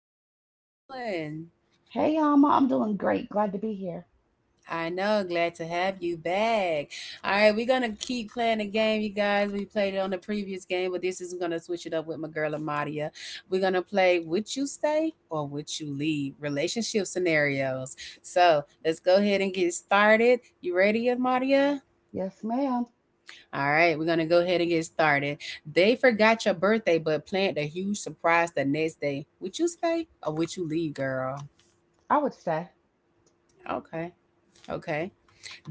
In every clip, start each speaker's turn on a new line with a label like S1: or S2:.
S1: hey girl, how you doing?
S2: Hey, Alma, I'm doing great. Glad to be here.
S1: I know, glad to have you back. All right, we're gonna keep playing the game, you guys. We played it on the previous game, but this is we're gonna switch it up with my girl Amadia. We're gonna play Would You Stay or Would You Leave? Relationship scenarios. So let's go ahead and get started. You ready, Amadia?
S2: Yes, ma'am.
S1: All right, we're gonna go ahead and get started. They forgot your birthday, but planned a huge surprise the next day. Would you stay or would you leave, girl?
S2: I would stay.
S1: Okay, okay.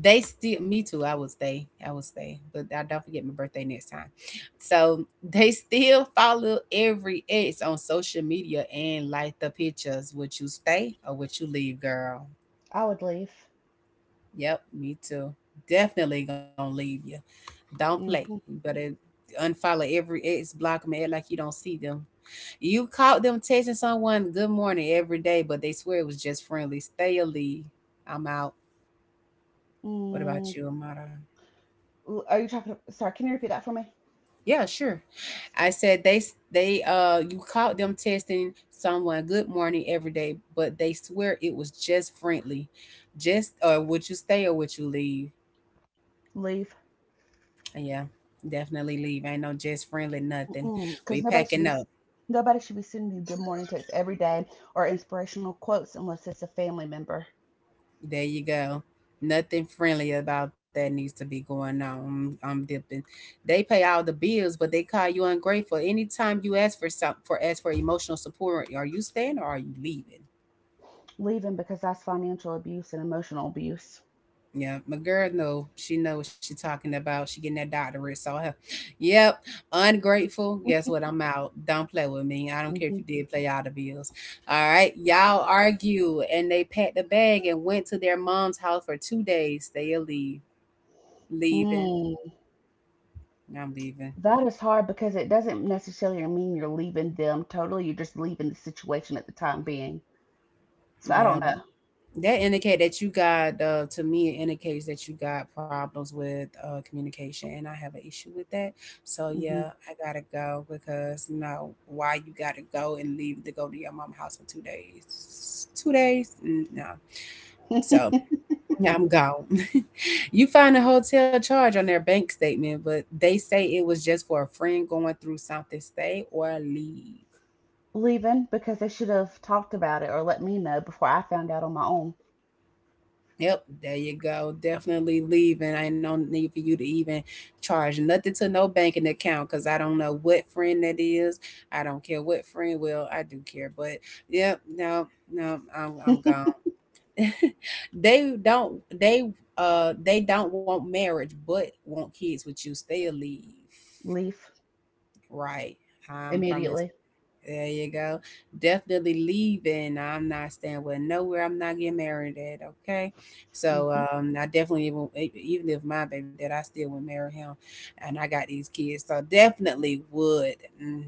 S1: They still, me too. I would stay. I would stay, but I don't forget my birthday next time. So they still follow every ex on social media and like the pictures. Would you stay or would you leave, girl?
S2: I would leave.
S1: Yep, me too. Definitely gonna leave you. Don't play. You
S2: Hmm.
S1: better unfollow every ex, block them, act like you don't see them. You caught them texting someone good morning every day, but they swear it was just friendly. Stay or leave. I'm out. What
S2: Mm.
S1: about you, Amara?
S2: Are you talking? Sorry, can you repeat that for me?
S1: Yeah, sure. I said they you caught them texting someone good morning every day, but they swear it was just friendly. Just or would you stay or would you leave?
S2: Leave.
S1: Yeah, definitely leave. Ain't no just friendly nothing. We
S2: Because nobody should
S1: packing
S2: be
S1: up.
S2: nobody should be sending you good morning texts every day or inspirational quotes unless it's a family member.
S1: There you go. Nothing friendly about that needs to be going on. I'm dipping. They pay all the bills, but they call you ungrateful. Anytime you ask for some for ask for emotional support, are you staying or are you leaving?
S2: Leaving because that's financial abuse and emotional abuse.
S1: Yeah, my girl know she know what she talking about. She getting that doctorate, so her. Yep, ungrateful. Guess what? I'm out. Don't play with me. I don't care if
S2: Hmm.
S1: you did play all the bills. All right, y'all argue and they packed the bag and went to their mom's house for 2 days. They are leave leaving.
S2: Mm,
S1: I'm leaving.
S2: that is hard because it doesn't necessarily mean you're leaving them totally. You're just leaving the situation at the time being. So I
S1: Yeah,
S2: don't
S1: but
S2: know.
S1: that indicate that you got to me it indicates that you got problems with communication, and I have an issue with that. So
S2: Mm-hmm.
S1: yeah, I gotta go, because you know why you gotta go and leave to go to your mom house for 2 days 2 days. Mm, no. So yeah, I'm gone. You find a hotel charge on their bank statement, but they say it was just for a friend going through something. Stay or leave.
S2: Leaving because they should have talked about it or let me know before I found out on my own.
S1: Yep, there you go. Definitely leaving. I ain't no need for you to even charge nothing to no banking account, because I don't know what friend that is. I don't care what friend. Well, I do care, but yep, no, no, I'm gone. they don't. They they don't want marriage, but want kids with you. Still leave.
S2: Leave
S1: Right. I'm from a
S2: immediately.
S1: There you go. Definitely leaving. I'm not staying with nowhere. I'm not getting married at. Okay. So
S2: Hmm.
S1: I definitely even if my baby dad, I still would marry him, and I got these kids. So definitely would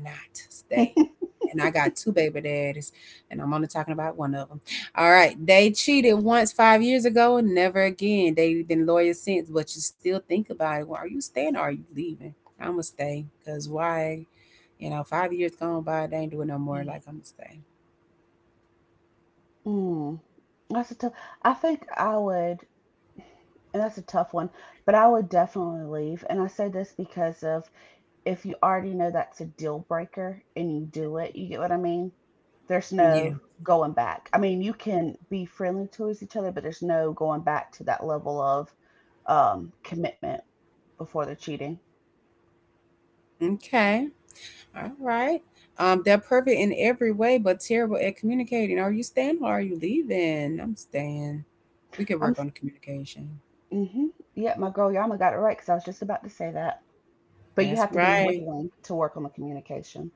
S1: not stay, and I got two baby daddies, and I'm only talking about one of them. All right, they cheated once 5 years ago, and never again. They've been lawyers since, but you still think about it. Well, are you staying or are you leaving? I'm gonna stay, cause why? You know, 5 years gone by, they ain't doing no more. Like I'm gonna
S2: Mm. That's a tough. I think I would, and that's a tough one, but I would definitely leave. And I say this because of if you already know that's a deal breaker and you do it, you get what I mean? There's
S1: stay.
S2: no
S1: Yeah.
S2: going back. I mean, you can be friendly towards each other, but there's no going back to that level of commitment before they're cheating.
S1: Okay. All right. They're perfect in every way, but terrible at communicating. Are you staying or are you leaving? I'm staying. We could
S2: I'm,
S1: work on the communication.
S2: mm-hmm, yeah, my girl Yama got it right because I was just about to say that. But
S1: That's
S2: you have to be
S1: right.
S2: willing to work on the communication.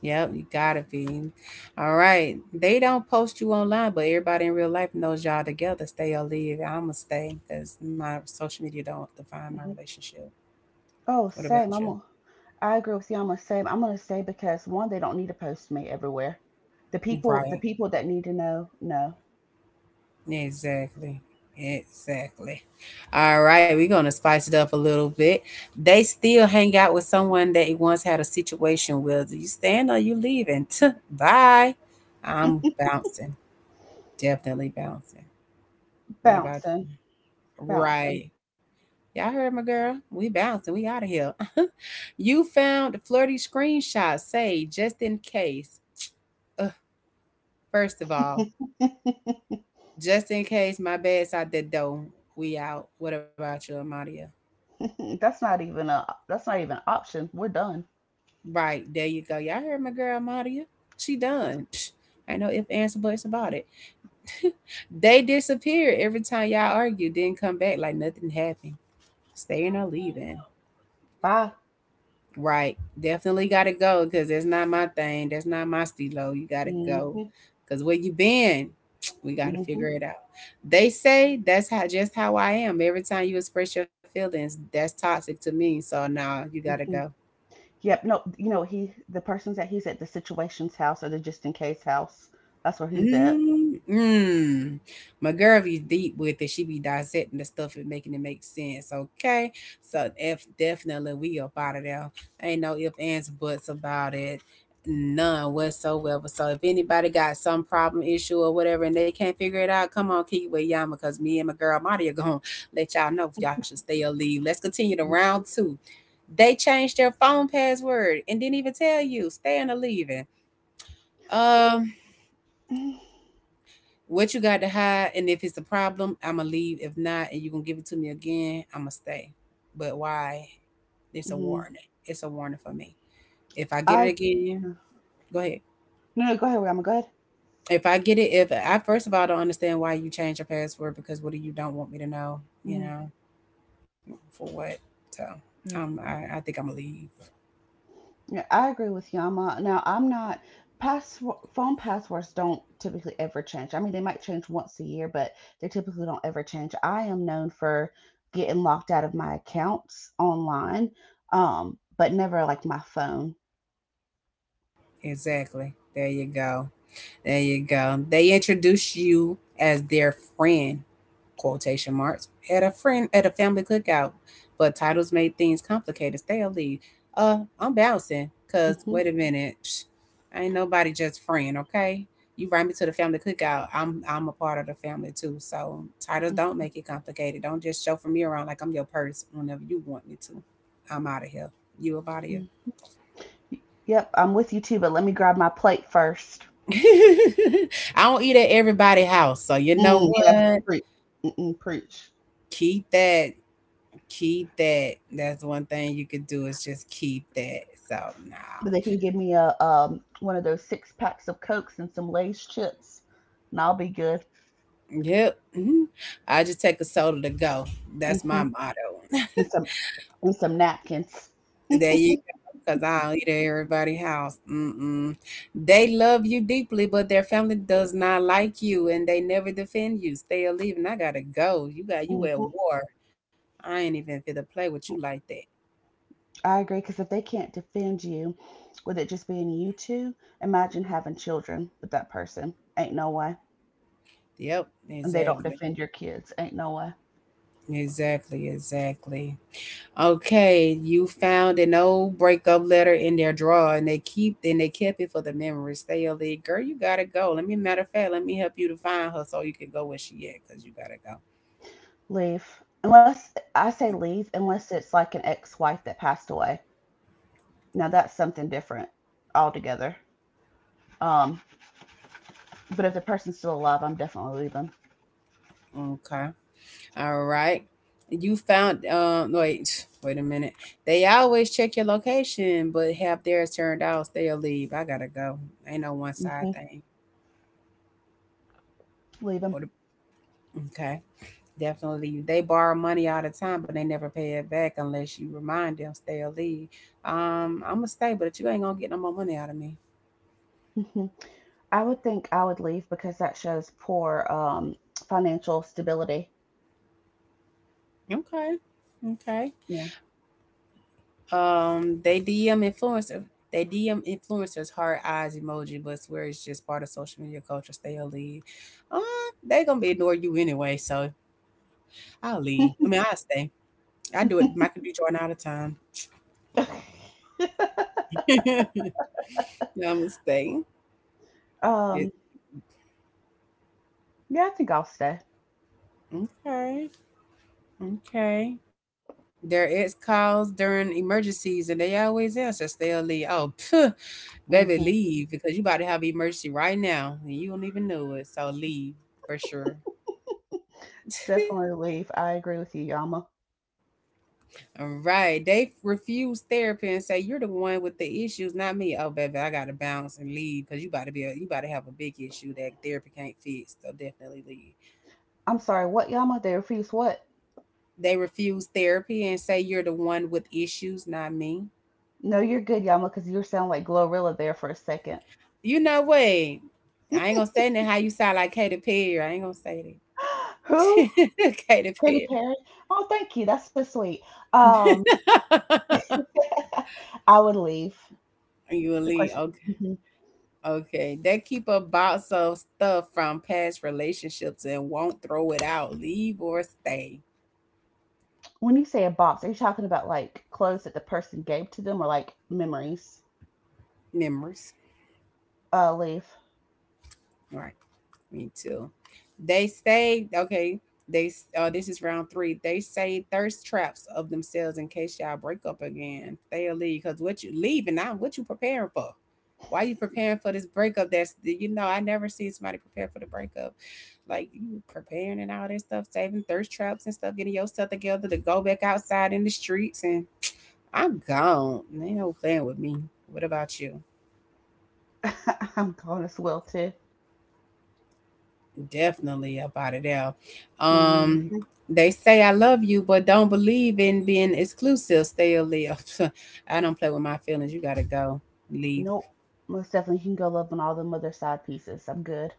S1: Yep, you gotta be. All right. They don't post you online, but everybody in real life knows y'all together. Stay or leave. I'ma stay because my social media don't define my
S2: Hmm.
S1: relationship.
S2: Oh,
S1: What about
S2: same.
S1: you?
S2: I agree with Yama. Same. I'm gonna say because one, they don't need to post me everywhere. The people, the
S1: Right.
S2: people that need to know, no.
S1: Exactly. Exactly. All right, we're gonna spice it up a little bit. They still hang out with someone they once had a situation with. You staying or you leaving? Tuh, bye. I'm bouncing. Definitely bouncing. What about you?
S2: bouncing, bouncing.
S1: Right. Y'all heard my girl. We bouncing. We out of here. You found flirty screenshots. Say just in case. Ugh, first of all, just in case my bed's out the door. We out. What about you, Amadia?
S2: Mm-mm, that's not even an option. We're done.
S1: Right, there you go. Y'all heard my girl, Amadia. She done. Psh, ain't no if answer buts about it. They disappeared every time y'all argued. Didn't come back like nothing happened. Staying or leaving.
S2: Bye.
S1: Right. Definitely got to go because that's not my thing. That's not my stilo. You got to
S2: Hmm.
S1: go
S2: Hmm.
S1: because where you been, we got to
S2: Hmm.
S1: figure it out. They say that's how just how I am. Every time you express your feelings, that's toxic to me. So now nah, you got to go.
S2: Yep. No, you know he's at the situation's house or the just in case house. That's where he's at.
S1: Mm, mm. My girl be deep with it. She be dissecting the stuff and making it make sense. Okay. So if definitely we up out of there. Ain't no ifs, ands, buts about it. None whatsoever. So if anybody got some problem, issue, or whatever, and they can't figure it out, come on, keep it with all because me and my girl Marty are going to let y'all know if y'all should stay or leave. Let's continue to
S2: Hmm.
S1: round two. They changed their phone password and didn't even tell you, staying or leaving. Um. What you got to hide, and if it's a problem, I'ma leave. If not, and you gonna give it to me again, I'ma stay. But why? It's a
S2: Hmm.
S1: warning. It's a warning for me. If I get
S2: I
S1: it
S2: Yeah.
S1: again,
S2: No,
S1: go ahead.
S2: no, go ahead. Rama, go ahead.
S1: If I get it, if I first of all don't understand why you change your password because what do you don't want me to know? You
S2: Hmm.
S1: know for what? So I think I'ma leave.
S2: Yeah, I agree with Yama. Now, I'm not pass phone passwords don't typically ever change. I mean, they might change once a year, but they typically don't ever change. I am known for getting locked out of my accounts online, but never like my phone.
S1: Exactly. There you go. There you go. They introduce you as their friend, quotation marks, at a friend at a family cookout. But titles made things complicated. Stay or leave. I'm bouncing. Cause
S2: Hmm.
S1: wait a minute, Psh, ain't nobody just friend, okay? You invite me to the family cookout. I'm a part of the family too. So titles don't make it complicated. Don't just show for me around like I'm your purse whenever you want me to. I'm out of here. You a body
S2: Hmm. Yep, I'm with you too, but let me grab my plate first.
S1: I don't eat at everybody's house, so you know
S2: Mm, yes,
S1: what?
S2: preach. Mm-mm, preach.
S1: Keep that. Keep that. That's one thing you could do is just keep that. So no.
S2: But they can give me a one of those six packs of Cokes and some Lay's chips, and I'll be good.
S1: Yep. Mhm. I just take a soda to go. That's my
S2: Hmm.
S1: motto.
S2: And some and some napkins.
S1: There you go. Cause I don't eat at everybody's house. Mm-mm. They love you deeply, but their family does not like you, and they never defend you. Stay or leave, and I gotta go. You got you at
S2: Hmm.
S1: war. I ain't even fit to play with you like that.
S2: I agree, because if they can't defend you with it just being you two, imagine having children with that person. Ain't no way.
S1: Yep,
S2: And they don't
S1: exactly.
S2: defend your kids. Ain't no way.
S1: Exactly, exactly. Okay, you found an old breakup letter in their drawer and they keep and they kept it for the memory. Stay on it. Girl, you gotta go. Let me matter of fact, let me help you to find her so you can go where she at, because you gotta
S2: Leave. Unless, I say leave, unless it's like an ex wife that passed away. Now that's something different altogether. Um, but if the person's still alive, I'm definitely leaving.
S1: go. Okay. All right. You found wait, wait a minute. They always check your location, but have theirs turned off, stay or leave. I gotta go. Ain't no one side
S2: Hmm.
S1: thing.
S2: Leave them.
S1: Or the, okay. Definitely. They borrow money all the time, but they never pay it back unless you remind them, stay or leave. I'm gonna stay, but you ain't gonna get no more money out of me.
S2: Hmm. I would leave because that shows poor financial stability.
S1: Okay. Okay.
S2: Yeah.
S1: Um, they DM influencer. They DM influencers heart eyes emoji, but swear it's just part of social media culture. Stay or leave. Um, they gonna be ignore you anyway, so I'll stay. I do it Michael B. Jordan all the time. I'm gonna stay. Yeah.
S2: um, yeah, I think I'll stay.
S1: Okay. Okay. Their ex calls during emergencies and they always answer, so they'll leave. Oh, phew, baby,
S2: Hmm.
S1: leave because you about to have an emergency right now and you don't even know it. So leave for sure.
S2: Definitely leave. I agree with you, Yama.
S1: All right. They refuse therapy and say, You're the one with the issues, not me. Oh, baby, I gotta bounce and leave because you about to have a big issue that therapy can't fix. So definitely leave.
S2: I'm sorry, what Yama? They refuse what?
S1: They refuse therapy and say, You're the one with issues, not me.
S2: No, you're good, Yama, because you sound like Glorilla there for a second.
S1: You know what? I ain't gonna say that how you sound like Katy Perry. I ain't gonna say
S2: Who?
S1: that. Katy
S2: Katy
S1: Perry.
S2: Perry? Oh, thank you. That's so sweet. Um, I would leave.
S1: You a
S2: The
S1: lead.
S2: question.
S1: Okay.
S2: Mhm.
S1: Okay. They keep a box of stuff from past relationships and won't throw it out. Leave or stay.
S2: When you say a box, are you talking about like clothes that the person gave to them or like memories?
S1: Memories.
S2: Leave.
S1: Right? Me too. They say, okay, this is round three. They say thirst traps of themselves in case y'all break up again. They'll leave because what you leave and not what you preparing for. Why you preparing for this breakup? That's I never seen somebody prepare for the breakup, like you preparing and all that stuff, saving thirst traps and stuff, getting yourself together to go back outside in the streets and I'm gone. They ain't no playing with me. What about you?
S2: I'm going as well too.
S1: Definitely up out of there. Um,
S2: Mhm.
S1: they say I love you, but don't believe in being exclusive. Stay or live. I don't play with my feelings. You gotta go. Leave.
S2: Nope. Most definitely can go love on all the other side pieces. I'm good.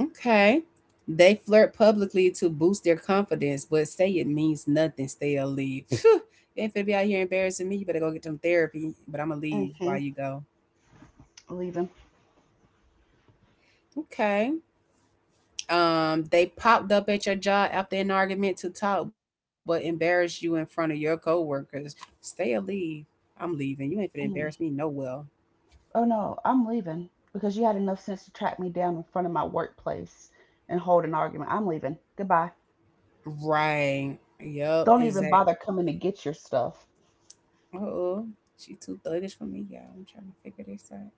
S1: Okay. They flirt publicly to boost their confidence, but say it means nothing. Stay or leave. You ain't finna be out here embarrassing me. You better go get some therapy. But I'm gonna leave
S2: Mm-hmm.
S1: while you go.
S2: Leaving.
S1: Okay. They popped up at your job after an argument to talk, but embarrassed you in front of your coworkers. Stay or leave. I'm leaving. You ain't finna embarrass me.
S2: Mm.
S1: No well.
S2: Oh no, I'm leaving. Because you had enough sense to track me down in front of my workplace and hold an argument. I'm leaving. Goodbye.
S1: Right. Yup.
S2: Don't even
S1: Exact.
S2: bother coming to get your stuff.
S1: Oh, she too thuggish for me, y'all. I'm trying to figure this out.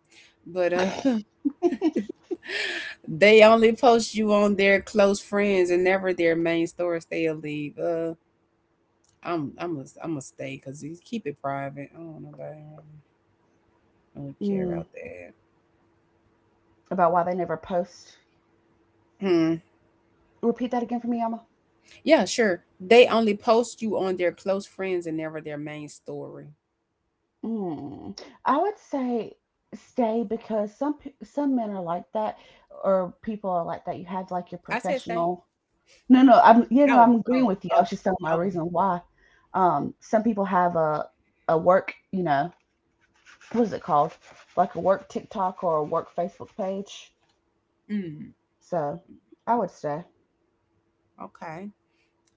S1: But they only post you on their close friends and never their main stories. Stay or leave. I'm gonna stay because keep it private. I don't know about. I don't really care
S2: Mm.
S1: about
S2: About why they never post.
S1: that. Hmm.
S2: Repeat that again for me, Alma.
S1: Yeah, sure. They only post you on their close friends and never their main story.
S2: Mm. I would say stay because some men are like that or people are like that. You have like your
S1: I said stay.
S2: professional. No, no, I'm you know,
S1: Oh,
S2: I'm agreeing
S1: oh,
S2: with you. I was
S1: oh,
S2: just telling my
S1: okay.
S2: reason why. Some people have a work, what is it called? Like a work TikTok or a work Facebook page.
S1: Mm,
S2: So I would say,
S1: okay.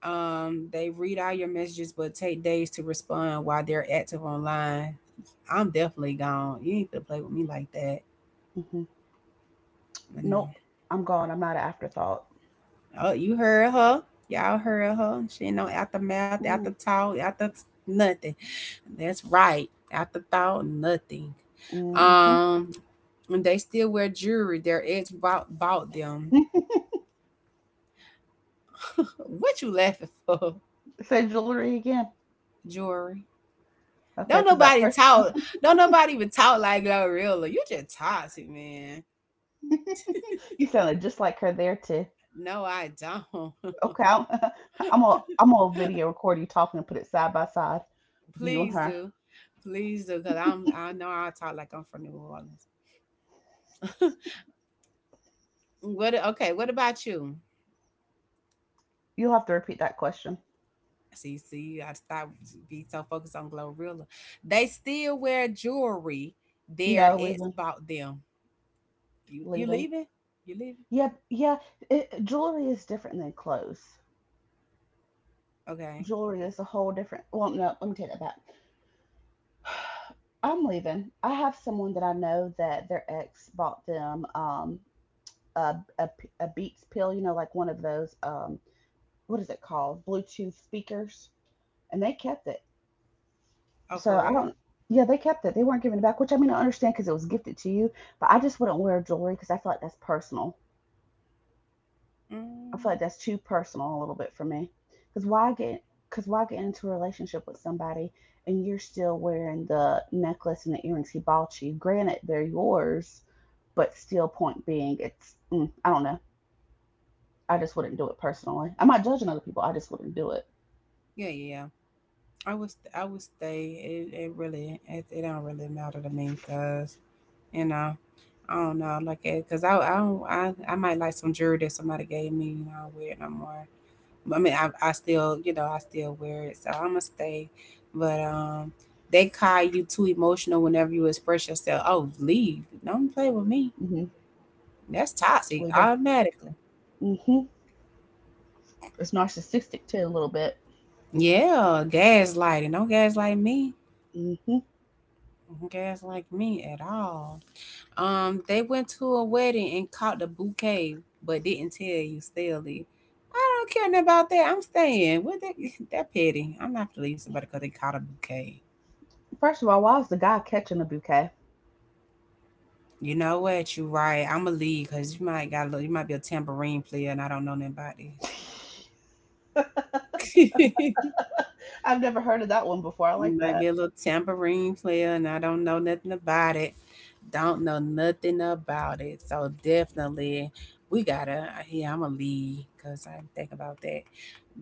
S1: They read all your messages but take days to respond while they're active online. I'm definitely gone. You ain't gonna play with me like that.
S2: hmm
S1: Mm.
S2: nope, I'm gone. I'm not an afterthought.
S1: Oh, you heard her. Y'all heard her. She ain't no aftermath, after
S2: Mm.
S1: talk, nothing. That's right. After thought, nothing.
S2: Mm-hmm.
S1: Um, and they still wear jewelry. Their ex bought them. What you laughing for?
S2: Say jewelry again.
S1: Jewelry.
S2: Okay,
S1: Don't
S2: because that
S1: nobody
S2: person,
S1: talk. Don't nobody even talk like Glorilla. You just toxic, man.
S2: you sounded just like her there too.
S1: No, I don't.
S2: Okay, I'm gonna video record you talking and put it side by side, you and
S1: Please
S2: her.
S1: do. Please do, cause I'm. I know I talk like I'm from New Orleans. What okay, what about you?
S2: You'll have to repeat that question.
S1: See, see, you gotta stop be so focused on Glow Gorilla. They still wear jewelry their
S2: No,
S1: ex
S2: leaving,
S1: bought them. You
S2: leaving.
S1: leaving? You leaving?
S2: Yeah, yeah. Jewelry is different than clothes.
S1: Okay.
S2: Jewelry is a whole different. Well, no, let me take that back. I'm leaving. I have someone that I know that their ex bought them a a a Beats pill, like one of those, what is it called, Bluetooth speakers, and they kept it.
S1: Oh, for
S2: So I
S1: real?
S2: don't. Yeah, they kept it. They weren't giving it back, which I mean I understand because it was gifted to you, but I just wouldn't wear jewelry because I feel like that's personal. I feel
S1: Mm,
S2: like that's too personal a little bit for me. Because why get into a relationship with somebody and you're still wearing the necklace and the earrings he bought you? Granted, they're yours, but still, point being, I don't know. I just wouldn't do it personally. I'm not judging other people. I just wouldn't do it.
S1: yeah, yeah. I would stay. It really it don't really matter to me because you know I don't know like because I don't I might like some jewelry that somebody gave me. You know, I don't wear it no more. I mean, I still, I still wear it, so I'm gonna stay. But they call you too emotional whenever you express yourself. Oh, leave! Don't play with me.
S2: Hmm.
S1: That's toxic
S2: Leave them.
S1: automatically.
S2: Hmm. It's narcissistic too, a little bit.
S1: Yeah, gaslighting. Don't gaslight me.
S2: Hmm.
S1: Don't gaslight me at all. They went to a wedding and caught the bouquet, but didn't tell you. Still did. I don't care nothing about that. I'm staying. What that that petty. I'm not gonna leave somebody because they caught a bouquet.
S2: First of all, why is the guy catching the bouquet?
S1: You know what? You right. I'ma leave because you might got a little, you might be a tambourine player and I don't know nothing about this.
S2: I've never heard of that one before. I
S1: You
S2: like
S1: might be a
S2: that.
S1: little tambourine player and I don't know nothing about it. Don't know nothing about it. So definitely we gotta yeah, I'ma leave because I think about that.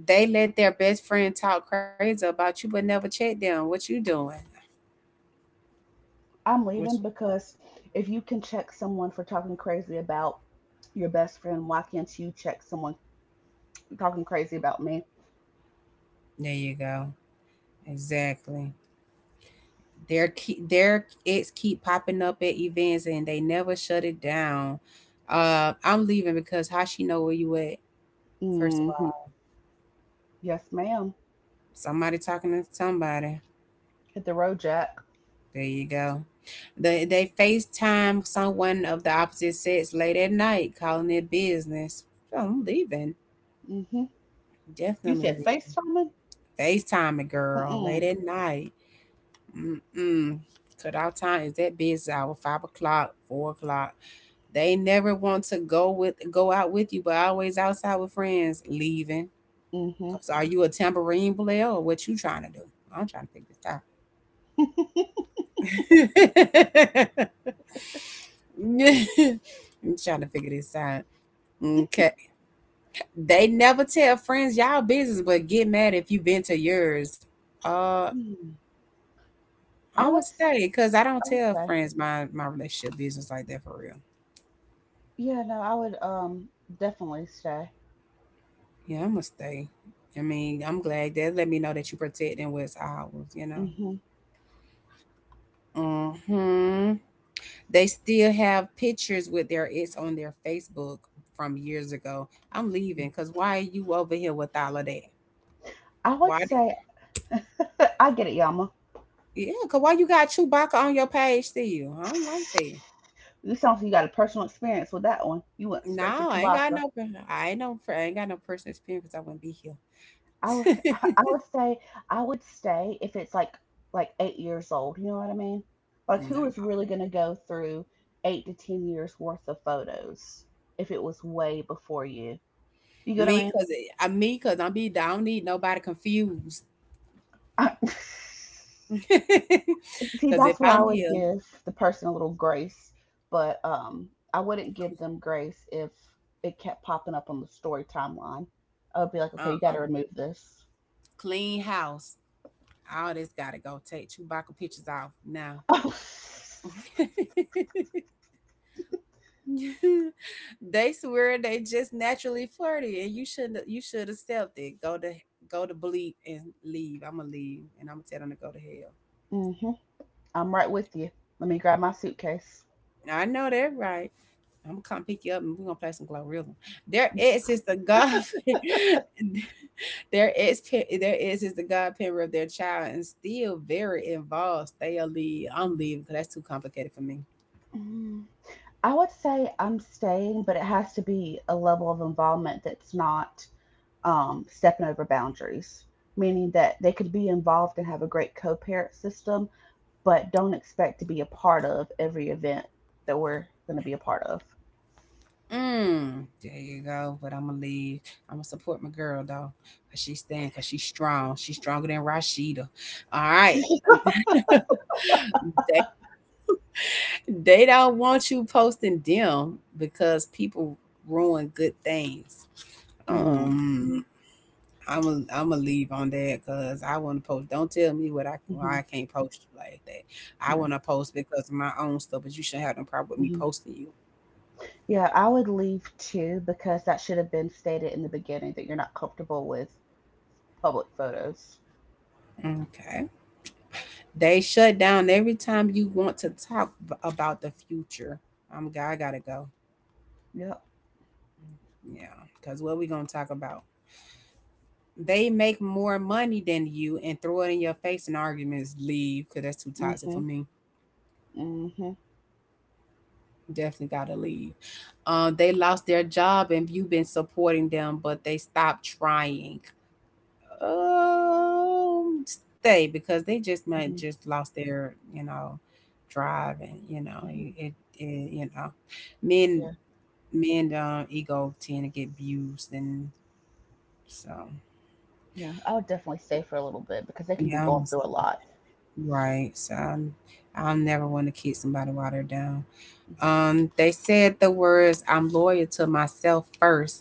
S1: They let their best friend talk crazy about you but never check them. What you doing?
S2: I'm
S1: Which
S2: leaving because if you can check someone for talking crazy about your best friend, why can't you check someone talking crazy about me?
S1: there you go. Exactly. Their ads keep popping up at events and they never shut it down. I'm leaving because how she know where you at? First of
S2: Mm-hmm.
S1: all,
S2: Yes, ma'am.
S1: somebody talking to somebody.
S2: Hit the road, Jack.
S1: There you go. They FaceTime someone of the opposite sex late at night, calling it business. So I'm leaving.
S2: Mm-hmm. You
S1: Definitely
S2: said
S1: leaving.
S2: FaceTiming?
S1: FaceTime a girl late
S2: Mm-mm.
S1: at night. Mm-mm. Cut out time is that business hour, 5 o'clock, 4 o'clock. They never want to go with go out with you, but always outside with friends leaving.
S2: Mm-hmm.
S1: Cause are you a tambourine player or what you trying to do? I'm trying to figure this out. I'm trying to figure this out. Okay. They never tell friends y'all business, but get mad if you've been to yours. Uh,
S2: Mm. I
S1: I'm
S2: would,
S1: gonna
S2: s-
S1: stay because I don't
S2: I would
S1: tell
S2: say,
S1: friends my relationship business like that for real.
S2: yeah, no, I would definitely say.
S1: Yeah, I'm gonna stay. I mean, I'm glad that let me know that you protecting what's ours, you know.
S2: Mm-hmm.
S1: Mm-hmm. They still have pictures with their ex on their Facebook from years ago. I'm leaving because why are you over here with all of that?
S2: I would
S1: Why? d-
S2: say, I get it, Yama.
S1: Yeah, because why you got Chewbacca on your page still? I don't like that.
S2: You sound like you got a personal experience with that one. You went straight to
S1: No, I ain't got
S2: Chewbacca.
S1: no. per- I ain't no. per- I ain't got no personal experience 'cause I wouldn't be
S2: I would
S1: here.
S2: I would say I would stay if it's like 8 years old. You know what I mean? Like who is
S1: Nah,
S2: really going to go through 8 to 10 years worth of photos if it was way before you? You get what I
S1: me
S2: mean?
S1: because me because I'm be. I don't need nobody confused.
S2: I, see,
S1: Because if
S2: that's where I
S1: I'm
S2: would
S1: here,
S2: give the person a little grace, but I wouldn't give them grace if it kept popping up on the story timeline. I would be like, okay,
S1: uh,
S2: you got to
S1: uh
S2: remove this.
S1: clean house. All this gotta go. Take Chewbacca pictures off now. They swear they just naturally flirty, and you shouldn't. You should accept it. Go to bleep and leave. I'ma leave, and I'ma tell them to go to hell.
S2: Mm-hmm. I'm right with you. Let me grab my suitcase.
S1: I know that right. I'm gonna come pick you up and we're gonna play some Glorilla. Their ex is the god their ex Their ex is the godparent of their child and still very involved. Stay or leave. I'm leaving because that's too complicated for me.
S2: Mm. I would say I'm staying, but it has to be a level of involvement that's not stepping over boundaries, meaning that they could be involved and have a great co parent system, but don't expect to be a part of every event that we're going to be a part of.
S1: Mm, there you go. But I'm gonna leave. I'm gonna support my girl though, cause she's staying, cause she's strong. She's stronger than Rashida. All right. They don't want you posting them because people ruin good things.
S2: Mm.
S1: Um, I'm gonna leave on that because I want to post. Don't tell me what I
S2: Mhm.
S1: why I can't post you like that. I
S2: Yeah.
S1: want to post because of my own stuff, but you shouldn't have no problem with me
S2: Mhm.
S1: posting you.
S2: Yeah, I would leave too because that should have been stated in the beginning that you're not comfortable with public photos.
S1: Okay. They shut down every time you want to talk about the future. God, I gotta go.
S2: Yep.
S1: Yeah, because what we gonna talk about? They make more money than you and throw it in your face in arguments. Leave, cause that's too toxic for
S2: Mhm,
S1: me.
S2: mhm,
S1: Definitely gotta leave. They lost their job and you've been supporting them, but they stopped trying. Um, Stay because they just might
S2: mhm,
S1: just lost their, you know, drive and you know
S2: mhm.
S1: it, it, it you know men
S2: Yeah,
S1: men do ego tend to get abused and so,
S2: Yeah. I would definitely stay for a little bit because they can be
S1: yeah, I'm
S2: going
S1: s
S2: through a lot.
S1: right, so I'm I'll never wanna kick somebody while they're down.
S2: Mhm.
S1: They said the words, "I'm loyal to myself first,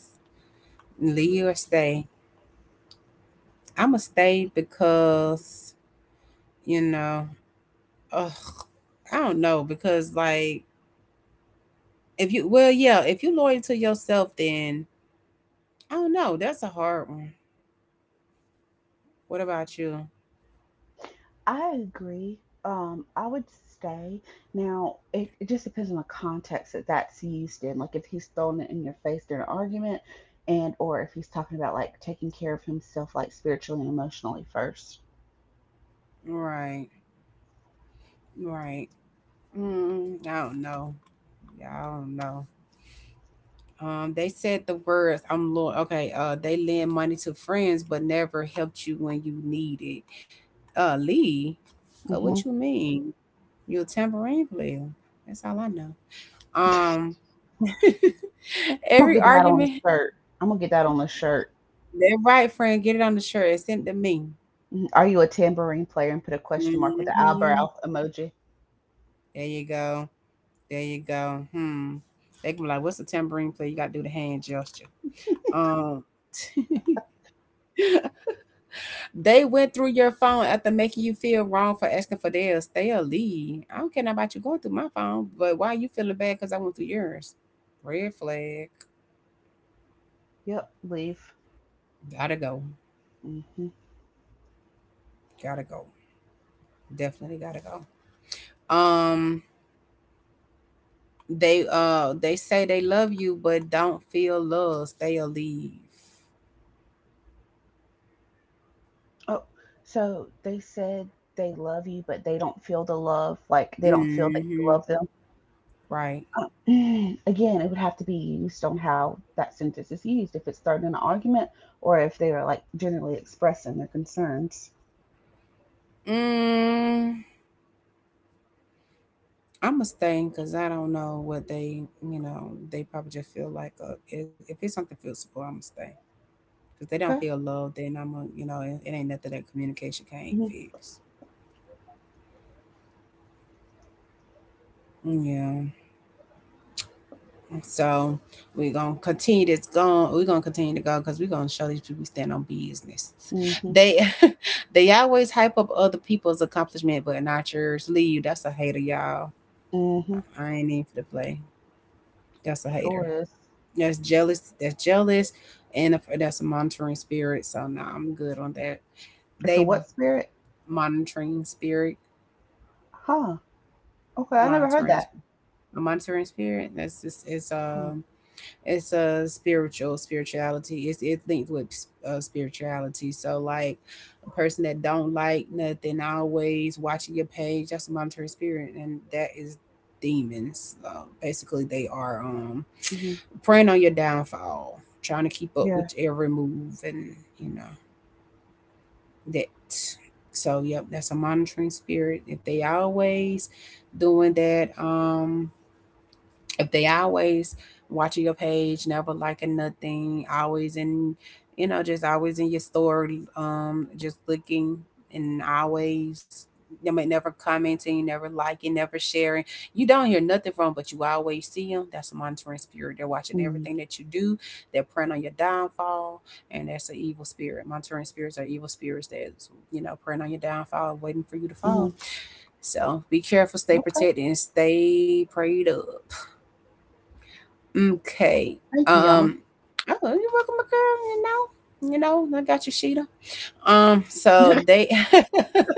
S1: leave or stay." Imma stay because, you know, ugh, I don't know, because, like, if you well, yeah, if you loyal to yourself, then I don't know, that's a hard one. What about you?
S2: I agree. I would stay. Now, it just depends on the context that that's used in. Like if he's throwing it in your face during an argument, and or if he's talking about like taking care of himself, like spiritually and emotionally 1st.
S1: Right, right. Mm, I don't know. Yeah, I don't know. They said the words, I'm Lord. Okay, they lend money to friends, but never helped you when you need it. Lee, go,
S2: Mm-hmm.
S1: what you
S2: I'm
S1: mean? You're a tambourine player. That's all I know. Um,
S2: gonna
S1: every
S2: get that on the
S1: argument,
S2: shirt. I'm gonna get that on the shirt.
S1: that right, friend, get it on the shirt and send it to me.
S2: Mhm. Are you a tambourine player? And put a question mark with the
S1: Hmm.
S2: eyebrow emoji.
S1: There you go. There you go. Hmm. They can be like, what's a tambourine player? You got to do the hand gesture. Um, They went through your phone after making you feel wrong for asking for theirs. They'll leave. I don't care nothing about you going through my phone, but why you feeling bad because I went through yours? Red flag.
S2: Yep, leave.
S1: Gotta go.
S2: Hmm.
S1: Gotta go. Definitely gotta go. Um, they they say they love you, but don't feel love. They'll leave.
S2: Oh, so they said they love you, but they don't feel the love. Like they don't feel that you
S1: Mm-hmm.
S2: love them.
S1: Right.
S2: Um, Again, it would have to be used on how that sentence is used, if it's starting an argument or if they are like generally expressing their concerns.
S1: Mm, I'm a stay because I don't know what they, you know, they probably just feel like if it's something physical, I'm a stay. Cause they don't
S2: Okay.
S1: feel loved, then I'm a, you know, it ain't nothing that communication can't
S2: Hmm.
S1: fix. Yeah. So we're gonna continue to go because we're gonna show these people we stand on business.
S2: Hmm.
S1: They they always hype up other people's accomplishment but not yours. Leave. That's a hater, y'all.
S2: Hmm.
S1: I ain't in for the play. That's a hater.
S2: Sure is.
S1: That's jealous. That's jealous. And a, that's a monitoring spirit. So now I'm good on that.
S2: It's a
S1: They
S2: what spirit?
S1: monitoring spirit.
S2: Huh. Okay, I never heard
S1: Monitoring
S2: that.
S1: A monitoring spirit. That's just
S2: Oh,
S1: it's a spiritual spirituality. It's linked with spirituality. So like a person that don't like nothing always watching your page. That's a monitoring spirit, and that is demons. Basically, they are
S2: Mm-hmm.
S1: preying on your downfall, trying to keep up
S2: Yeah.
S1: with every move, and you know that. So yep, that's a monitoring spirit. If they always doing that, if they always watching your page, never liking nothing, always in, you know, just always in your story, just looking and always, I mean, never commenting, never liking, never sharing. You don't hear nothing from 'em, but you always see them. That's a monitoring spirit. They're watching
S2: Mm-hmm.
S1: everything that you do. They're preying on your downfall, and that's an evil spirit. Monitoring spirits are evil spirits that's, you know, preying on your downfall, waiting for you to
S2: Mm-hmm.
S1: fall. So be careful, stay
S2: Okay.
S1: protected, and stay prayed up. Okay.
S2: Thank you, Yama.
S1: Um. Oh, you're welcome, my girl. You know, I got you, Sheeta. So they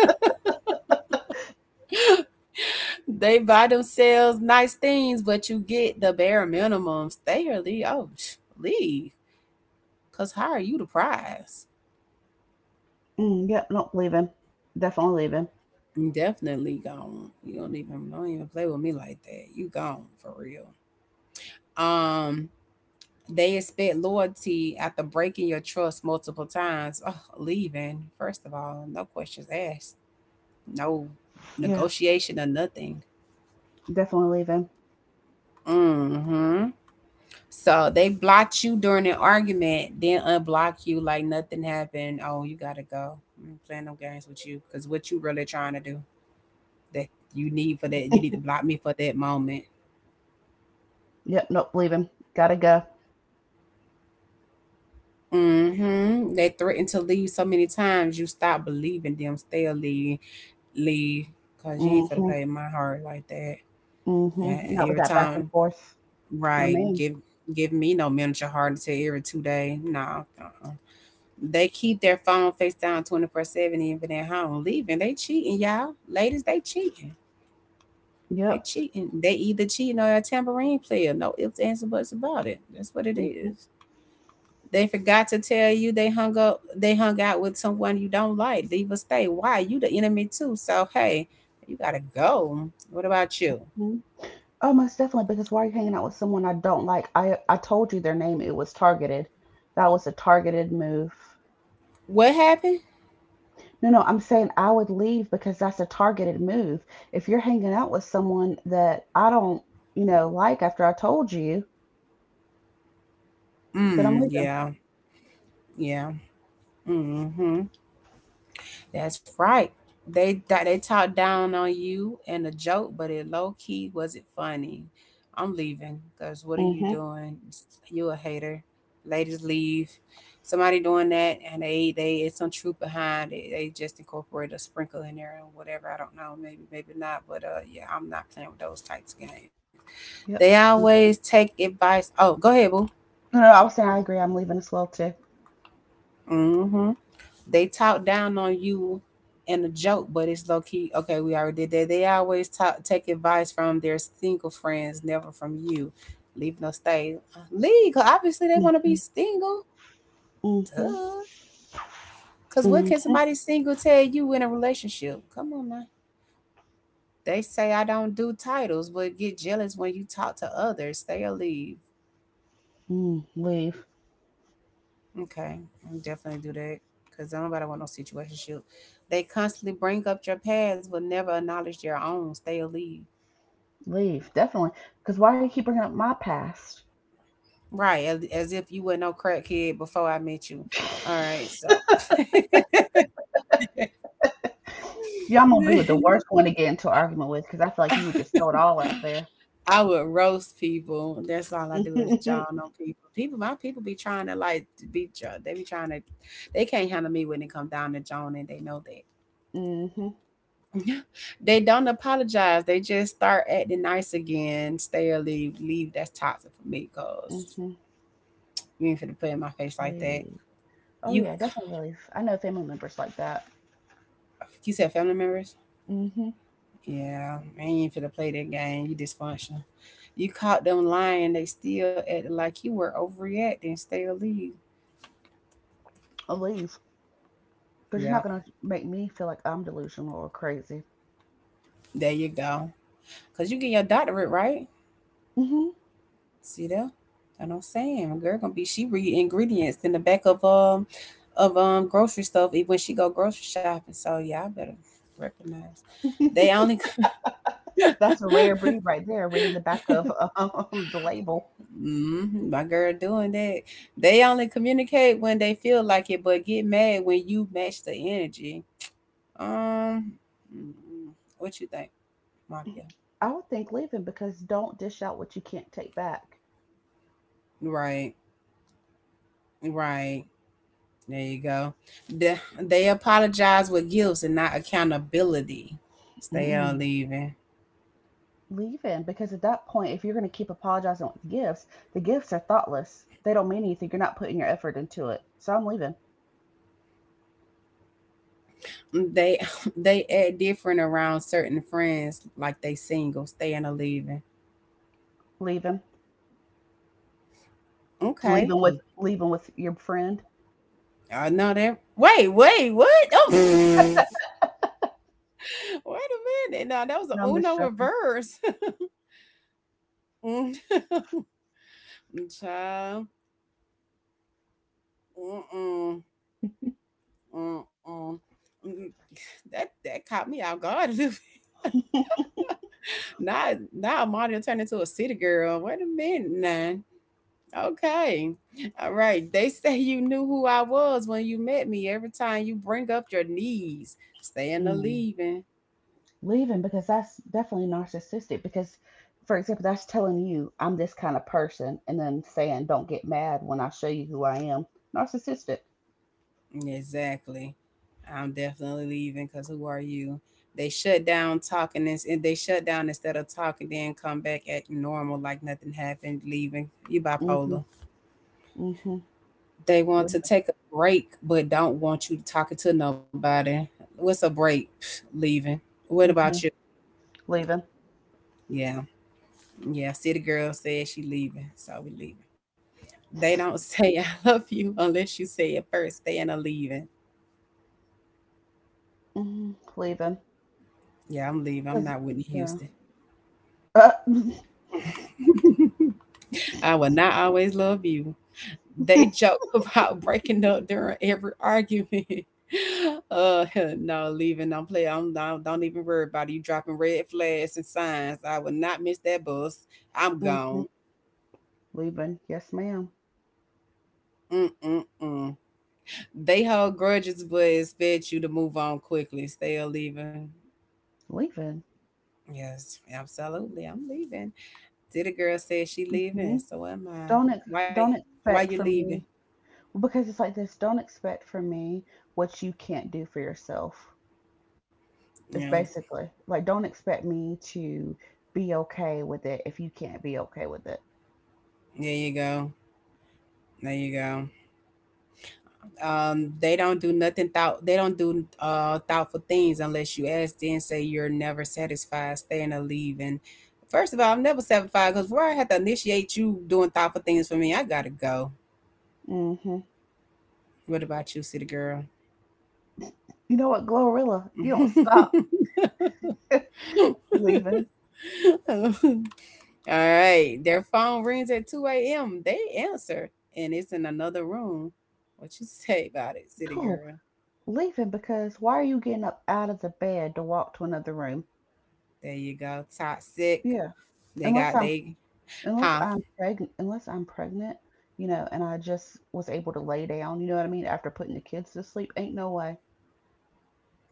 S1: they buy themselves nice things, but you get the bare minimum. Stay or leave. Oh, psh, leave. Cause how are you the prize?
S2: Mm, yep. Nope. Leaving. Definitely leaving.
S1: You definitely gone. You don't even play with me like that. You gone for real. Um. They expect loyalty after breaking your trust multiple times. Oh, leaving first of all, no questions asked, no
S2: Yeah.
S1: negotiation or nothing.
S2: Definitely leaving.
S1: Hmm. So they blocked you during an argument, then unblock you like nothing happened. Oh, you gotta go. I'm playing no games with you because what you really trying to do that, you need to block me for that moment.
S2: Yep. Nope. Leaving. Gotta go.
S1: Hmm. They threatened to leave so many times you stop believing them. Still leave, leave, cause you ain't for to
S2: Mm-hmm.
S1: play in my heart like that. Yeah,
S2: Mm-hmm. Not with
S1: every
S2: that back and
S1: time.
S2: forth. No
S1: Right.
S2: man.
S1: Give me no miniature heart attack every two day. No. Uh-uh. They keep their phone face down 24/7 even at home. Leaving. They cheating, y'all. Ladies, they cheating. They
S2: Yep.
S1: cheating. They either cheating or a tambourine player. No ifs, ands, or buts about it. That's what it
S2: Mm-hmm.
S1: is. They forgot to tell you they hung up they hung out with someone you don't like. Leave or stay. Why? You the enemy too. So hey, you gotta go. What about you?
S2: Mm-hmm. Oh, most definitely. Because why are you hanging out with someone I don't like? I told you their name. It was targeted. That was a targeted move.
S1: What happened?
S2: No, no. I'm saying I would leave because that's a targeted move. If you're hanging out with someone that I don't, like after I told you, then I'm
S1: Mm,
S2: leaving.
S1: yeah, yeah. Hmm. That's right. They talked down on you and a joke, but it low key wasn't funny. I'm leaving because what are you
S2: Mm-hmm.
S1: doing? You a hater. Ladies leave. Somebody doing that and they it's some truth behind it. They just incorporate a sprinkle in there and whatever. I don't know, maybe maybe not. But yeah, I'm not playing with those types of games.
S2: Yep.
S1: They
S2: Mm.
S1: always take advice. Oh, go ahead, boo.
S2: No, no. I was saying I agree. I'm leaving as well too.
S1: Mm-hmm. They talk down on you in a joke, but it's low key. Okay, we already did that. Take advice from their single friends, never from you. Leave no stay. Leave, 'cause obviously they want to
S2: Mm-hmm.
S1: be single.
S2: Mm-hmm.
S1: Duh. Because what can
S2: Mm-hmm.
S1: somebody single tell you in a relationship? Come on now. They say I don't do titles, but get jealous when you talk to others. Stay or leave.
S2: Mm, leave.
S1: Okay, I'll definitely do that because nobody want no situationship. They constantly bring up your past, but never acknowledge their own. Stay or leave.
S2: Leave. Definitely. Because why do you keep bringing up my past?
S1: Right, as if you were no crackhead before I met you. All right, so
S2: Yeah, I'm gonna be with the worst one to get into an argument with because I feel like you would just throw it all out there.
S1: I would roast people. That's all I do is jawn on people. People, my people be trying to like to be. They be trying to. They can't handle me when it comes down to John, and they know that.
S2: hmm hmm
S1: They don't apologize. They just start acting nice again. Stay or leave. Leave. That's toxic for me because
S2: hmm
S1: you ain't finna put in my face like that.
S2: Leave. Oh
S1: You,
S2: yeah, definitely leave. I know family members like that.
S1: you said family members.
S2: Hmm.
S1: Yeah, I ain't even finna play that game. You dysfunctional. You caught them lying. They still acting like you were overreacting. Stay a lead.
S2: I'll leave because you're not
S1: Yeah,
S2: gonna make me feel like I'm delusional or crazy.
S1: there you go. Cause you get your doctorate, right?
S2: Hmm.
S1: See there? That's what I'm saying. My girl gonna be, she read ingredients in the back of grocery stuff when she go grocery shopping. So yeah, I better recognize. They only
S2: That's a rare breed right there, reading the back of the label.
S1: hmm, my girl doing that. They only communicate when they feel like it, but get mad when you match the energy. Um, mm, what you think, Maria?
S2: I would think leaving because don't dish out what you can't take back.
S1: Right, right. There you go. The, they apologize with gifts and not accountability. Stay on leaving.
S2: Leaving because at that point, if you're going to keep apologizing with gifts, the gifts are thoughtless. They don't mean anything. You're not putting your effort into it. So I'm leaving.
S1: They they act different around certain friends, like they single. Staying or leaving.
S2: Leaving.
S1: Okay.
S2: Leaving with your friend.
S1: I know that. Wait, wait, what? Oh. Wait a minute. Now that was
S2: No,
S1: a
S2: I'm just
S1: Uno
S2: joking.
S1: reverse. Mm. Child. Mm-mm. Mm-mm. Mm. That caught me off guard a little bit. Now now Amalia turned into a city girl. Wait a minute now. Okay. All right. They say you knew who I was when you met me every time you bring up your knees. Staying or
S2: Mm.
S1: leaving.
S2: Leaving because that's definitely narcissistic. Because, for example, that's telling you I'm this kind of person, and then saying don't get mad when I show you who I am. Narcissistic.
S1: Exactly. I'm definitely leaving because who are you? They shut down instead of talking, then come back at normal like nothing happened, leaving. You
S2: Mm-hmm.
S1: bipolar.
S2: Mm-hmm.
S1: They want to
S2: Leaving.
S1: take a break, but don't want you talking to nobody. What's a break? Pfft, leaving. What
S2: Mm-hmm.
S1: about you?
S2: Leaving.
S1: Yeah. Yeah. City girl said she leaving, so we leaving. They don't say I love you unless you say it first. They end up leaving.
S2: Mm-hmm. Leaving.
S1: Yeah, I'm leaving. I'm
S2: Because
S1: not Whitney
S2: yeah.
S1: Houston.
S2: Uh,
S1: I will not always love you. They joke about breaking up during every argument. uh, no, leaving. Don't play. Don't even worry about it. You dropping red flags and signs. I will not miss that bus. I'm
S2: hmm
S1: gone.
S2: Leaving. Yes, ma'am.
S1: Mm-mm-mm. They hold grudges, but expect you to move on quickly. Still leaving.
S2: Leaving.
S1: Yes, absolutely. I'm leaving. Did a girl said she
S2: Hmm.
S1: leaving? So am I.
S2: Don't ex-
S1: Why?
S2: don't
S1: Why you
S2: expect from
S1: leaving?
S2: me. Well, because it's like this. Don't expect from me what you can't do for yourself.
S1: Yeah.
S2: It's basically like don't expect me to be okay with it if you can't be okay with it.
S1: There you go. There you go. They don't do thoughtful things unless you ask, then say you're never satisfied. Staying or leaving? First of all, I'm never satisfied because where I had to initiate you doing thoughtful things for me, I gotta go.
S2: Hmm.
S1: What about you, city girl?
S2: You know what, Glorilla? If you don't stop leaving,
S1: All right, their phone rings at 2 a.m, they answer and it's in another room. What you say about it, city
S2: oh,
S1: girl?
S2: leaving because why are you getting up out of the bed to walk to another room?
S1: There you go. Toxic.
S2: Yeah.
S1: They
S2: Unless
S1: got
S2: I'm
S1: they
S2: unless
S1: huh.
S2: I'm pregnant, unless I'm pregnant, you know, and I just was able to lay down, you know what I mean, after putting the kids to sleep, ain't no way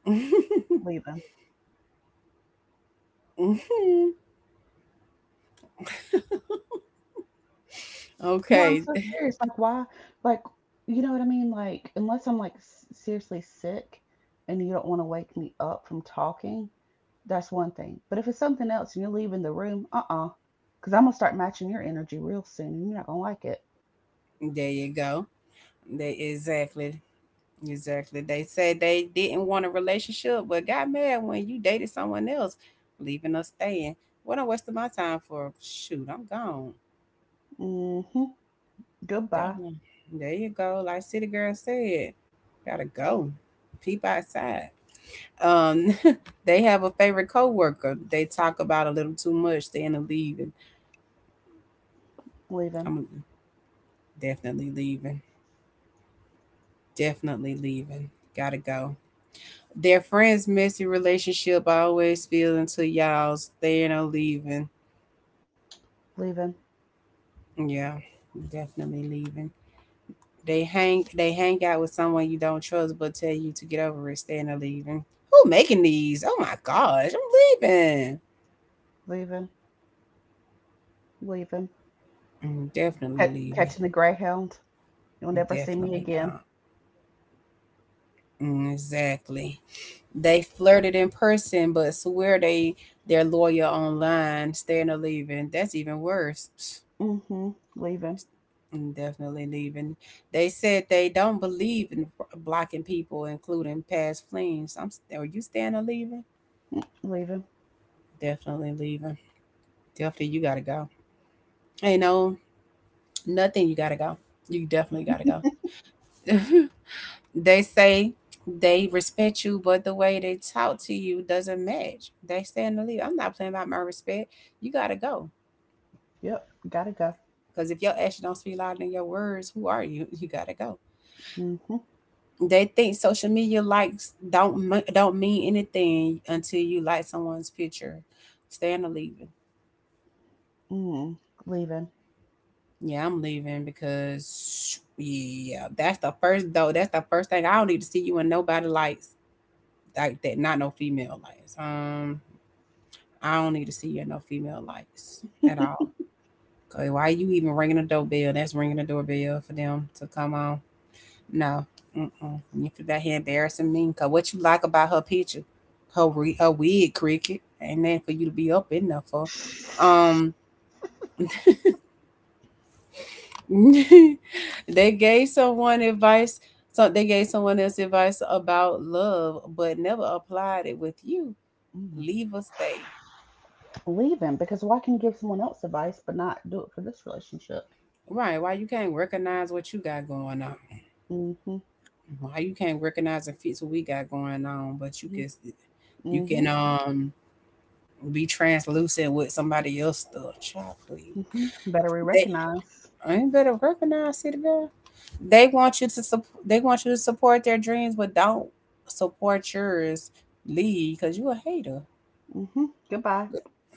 S2: leaving. No, I'm
S1: Okay,
S2: so serious. Like, why? Like, you know what I mean? Like, unless I'm like seriously sick and you don't want to wake me up from talking, that's one thing. But if it's something else and you're leaving the room, uh-uh, because I'm gonna start matching your energy real soon and you're not gonna like it.
S1: there you go. They exactly, exactly. They said they didn't want a relationship, but got mad when you dated someone else, leaving us staying. What I'm wasting my time for? Shoot, I'm gone.
S2: Mm-hmm.
S1: That
S2: Goodbye.
S1: one. There you go. Like City Girl said, gotta go. Peep outside. Um, they have a favorite coworker. They talk about a little too much. They end up leaving.
S2: Leaving,
S1: I'm definitely leaving. Definitely leaving. Gotta go. Their friends' messy relationship always spill into y'all's. They ain't no leaving.
S2: leaving,
S1: Yeah, definitely leaving. They hang out with someone you don't trust but tell you to get over it, staying or leaving. Who making these? Oh my gosh, I'm leaving.
S2: leaving, leaving.
S1: Mm, definitely
S2: Ca-
S1: leaving.
S2: catching the greyhound. You'll never see me
S1: Definitely
S2: again.
S1: gone. Mm, exactly. They flirted in person but swear they're loyal online, staying or leaving. That's even worse.
S2: Mm-hmm. Leaving.
S1: I'm definitely leaving. They said they don't believe in blocking people, including past flings. I'm. Are you staying or leaving?
S2: Mm, leaving.
S1: Definitely leaving. Definitely, you gotta go. Ain't no nothing. You gotta go. You definitely gotta go. They say they respect you, but the way they talk to you doesn't match. They staying to leave. I'm not playing about my respect. You gotta go.
S2: Yep. Gotta go.
S1: Cause if your actions don't speak louder than your words, who are you? You gotta go.
S2: Mm-hmm.
S1: They think social media likes don't mean anything until you like someone's picture. Staying or leaving?
S2: Mm. Leaving.
S1: Yeah, I'm leaving because yeah, that's the first though. That's the first thing. I don't need to see you in nobody lights like that. Not no female lights. I don't need to see you in no female lights at all. 'Cause why you even ringing the doorbell? That's ringing the doorbell for them to come on. No. Mm-mm. You sit out here embarrassing me. Cause what you like about her picture, her wig, cricket, and then for you to be up in there for. Um, they gave someone advice. So they gave someone else advice about love, but never applied it with you.
S2: Mm.
S1: Leave or stay.
S2: Leaving. Because why can you give someone else advice but not do it for this relationship?
S1: Right? Why you can't recognize what you got going on?
S2: Mm-hmm.
S1: Why you can't recognize and fix what we got going on? But
S2: Mm-hmm.
S1: you
S2: Mm-hmm.
S1: can be translucent with somebody else's stuff. Child, please.
S2: Mm hmm. Better we
S1: They
S2: recognize.
S1: I ain't better recognize, city girl. They want you to support their dreams, but don't support yours. Leave, cause you a hater.
S2: Mm-hmm. Goodbye.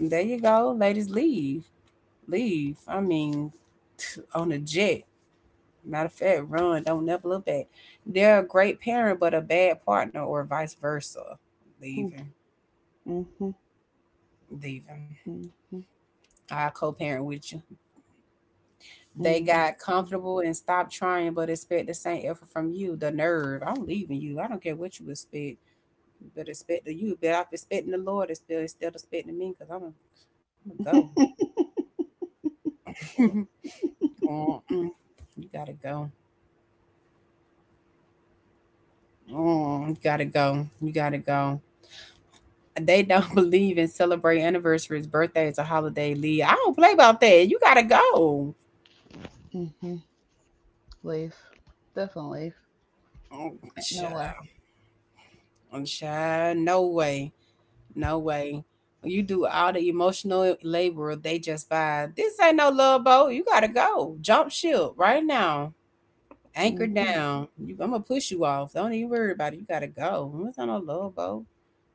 S1: There you go, ladies. Leave, leave. I mean, on a jet. Matter of fact, run. Don't never look back. They're a great parent, but a bad partner, or vice versa.
S2: Mm.
S1: Leaving,
S2: Mm-hmm.
S1: leaving.
S2: Mm-hmm.
S1: I co-parent with you. They got comfortable and stopped trying, but expect the same effort from you. The nerve. I'm leaving you. I don't care what you expect. You better expect the you. But I'm expecting the Lord is still instead of expecting me because gonna
S2: hmm. Mm. Hmm.
S1: I'm gonna go.
S2: Mm
S1: Mm-mm. You gotta go. Mm, you gotta go. You gotta go. They don't believe in celebrate anniversaries, birthdays, or holiday leave. I don't play about that. You gotta go.
S2: hmm. Mm hmm. Leave. Definitely leave.
S1: Mm,
S2: Ain't no way.
S1: Child, child, no way. No way. You do all the emotional labor, they just vibe. This ain't no love boat. You gotta go. Jump ship right now. Anchor
S2: Mm-hmm.
S1: down. You, I'm gonna push you off. Don't even worry about it. You gotta go. It's not no love boat.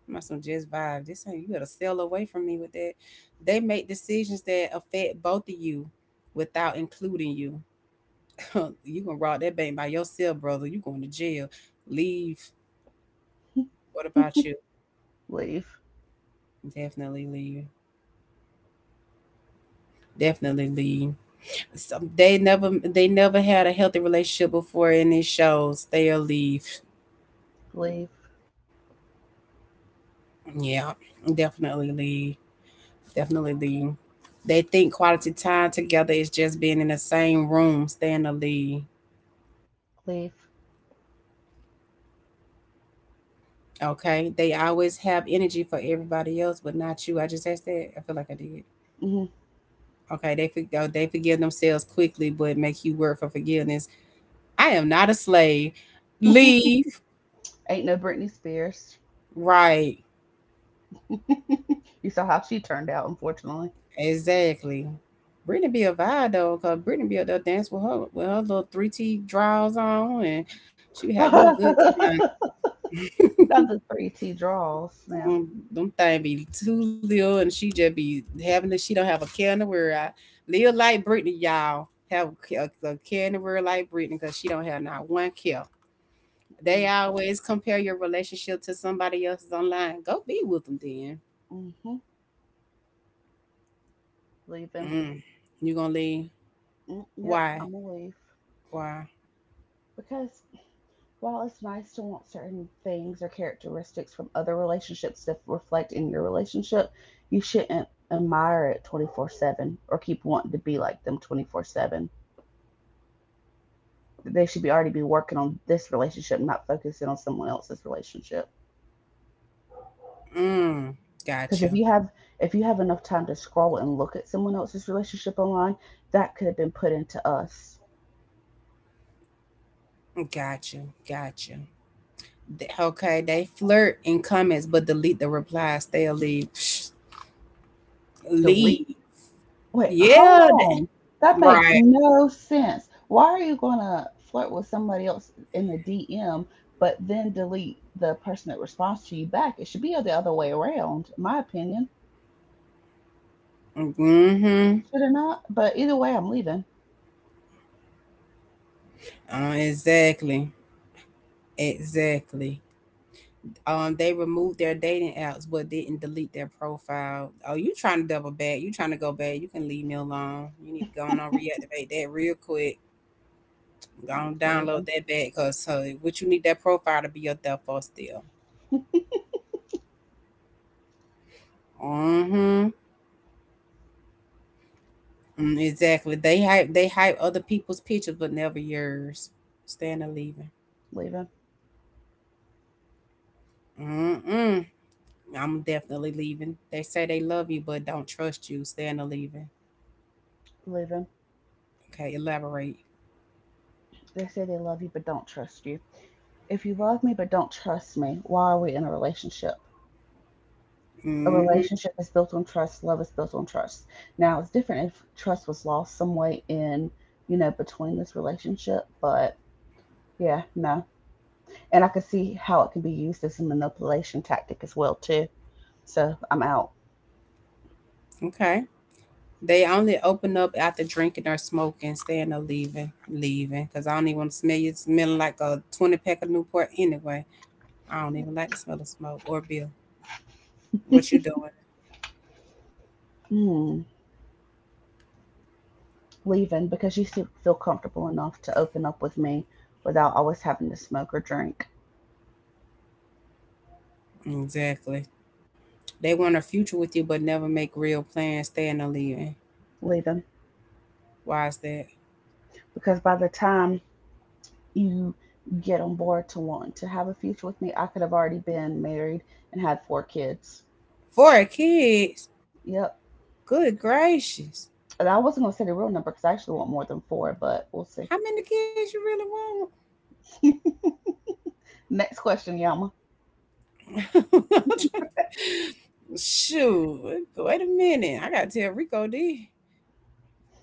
S1: I'm not some just vibe. This ain't you gotta sail away from me with that. They make decisions that affect both of you without including you. You gonna rock that bank by yourself, brother. You going to jail. Leave. What about you?
S2: Leave.
S1: Definitely leave. Definitely leave. So they never had a healthy relationship before and it shows. They'll leave.
S2: Leave.
S1: Yeah, definitely leave. Definitely leave. They think quality time together is just being in the same room staying lead.
S2: Leave.
S1: Okay, they always have energy for everybody else but not you. I just asked that. I feel like I did.
S2: Mm hmm.
S1: Okay, oh, they forgive themselves quickly but make you work for forgiveness. I am not a slave. Leave.
S2: Ain't no Britney Spears.
S1: Right.
S2: You saw how she turned out, unfortunately.
S1: Exactly. Brittany be a vibe though, cause Brittany be up there dance with her little three T draws on, and she be have her a
S2: Not
S1: good time.
S2: the three T draws now.
S1: Um, Them thing be too little, and she just be having it. She don't have a care in the world. I, live like Brittany, y'all. Have a, a care in the world like Brittany, cause she don't have not one care. They
S2: Mm.
S1: always compare your relationship to somebody else's online. Go be with them then.
S2: Hmm. Leave him.
S1: Mm. You gonna leave?
S2: Mm, yep,
S1: Why?
S2: I'm gonna leave.
S1: Why?
S2: Because while it's nice to want certain things or characteristics from other relationships to reflect in your relationship, you shouldn't admire it 24/7 or keep wanting to be like them 24/7. They should be already be working on this relationship, not focusing on someone else's relationship.
S1: Mm.
S2: Because if
S1: Gotcha.
S2: you have if you have enough time to scroll and look at someone else's relationship online, that could have been put into us.
S1: Got you. Got you. Okay, they flirt in comments but delete the replies. They'll leave. Psh,
S2: Delete.
S1: leave.
S2: Wait, hold
S1: Yeah,
S2: on. That makes
S1: right.
S2: no sense. Why are you gonna flirt with somebody else in the DM, but then delete the person that responds to you back? It should be the other way around, in my opinion.
S1: Mm-hmm.
S2: Should it not? But either way, I'm leaving.
S1: Exactly. Exactly. They removed their dating apps but didn't delete their profile. Oh, you trying to double back? You trying to go back? You can leave me alone. You need to go on and reactivate that real quick. Go on download
S2: Leaving.
S1: that back because what you need that profile to be your default still. Mm-hmm. Mm, exactly. They hype. They hype other people's pictures, but never yours. Staying or leaving.
S2: Leaving.
S1: Mm-mm. I'm definitely leaving. They say they love you, but don't trust you. Staying or leaving.
S2: Leaving.
S1: Okay. Elaborate.
S2: They say they love you but don't trust you. If you love me but don't trust me, why are we in a relationship? A
S1: Mm-hmm.
S2: relationship is built on trust. Love is built on trust. Now it's different if trust was lost some way in, you know, between this relationship. But yeah, no. And I can see how it can be used as a manipulation tactic as well too. So I'm out.
S1: Okay. They only open up after drinking or smoking. Staying or leaving. Leaving. Cause I don't even want to smell you smelling like a 20 pack of Newport anyway. I don't even like the smell of smoke or bill. What you doing?
S2: Hmm, leaving because you still feel comfortable enough to open up with me without always having to smoke or drink.
S1: Exactly. They want a future with you, but never make real plans. Staying or leaving.
S2: Leaving
S1: Why is that?
S2: because by the time you get on board to want to have a future with me, I could have already been married and had four kids.
S1: Four kids.
S2: Yep.
S1: Good gracious.
S2: And I wasn't gonna say the real number because I actually want more than four, but we'll see.
S1: How many kids you
S2: Next question, Yama.
S1: really want? Shoot. Wait a minute. I gotta tell Rico D.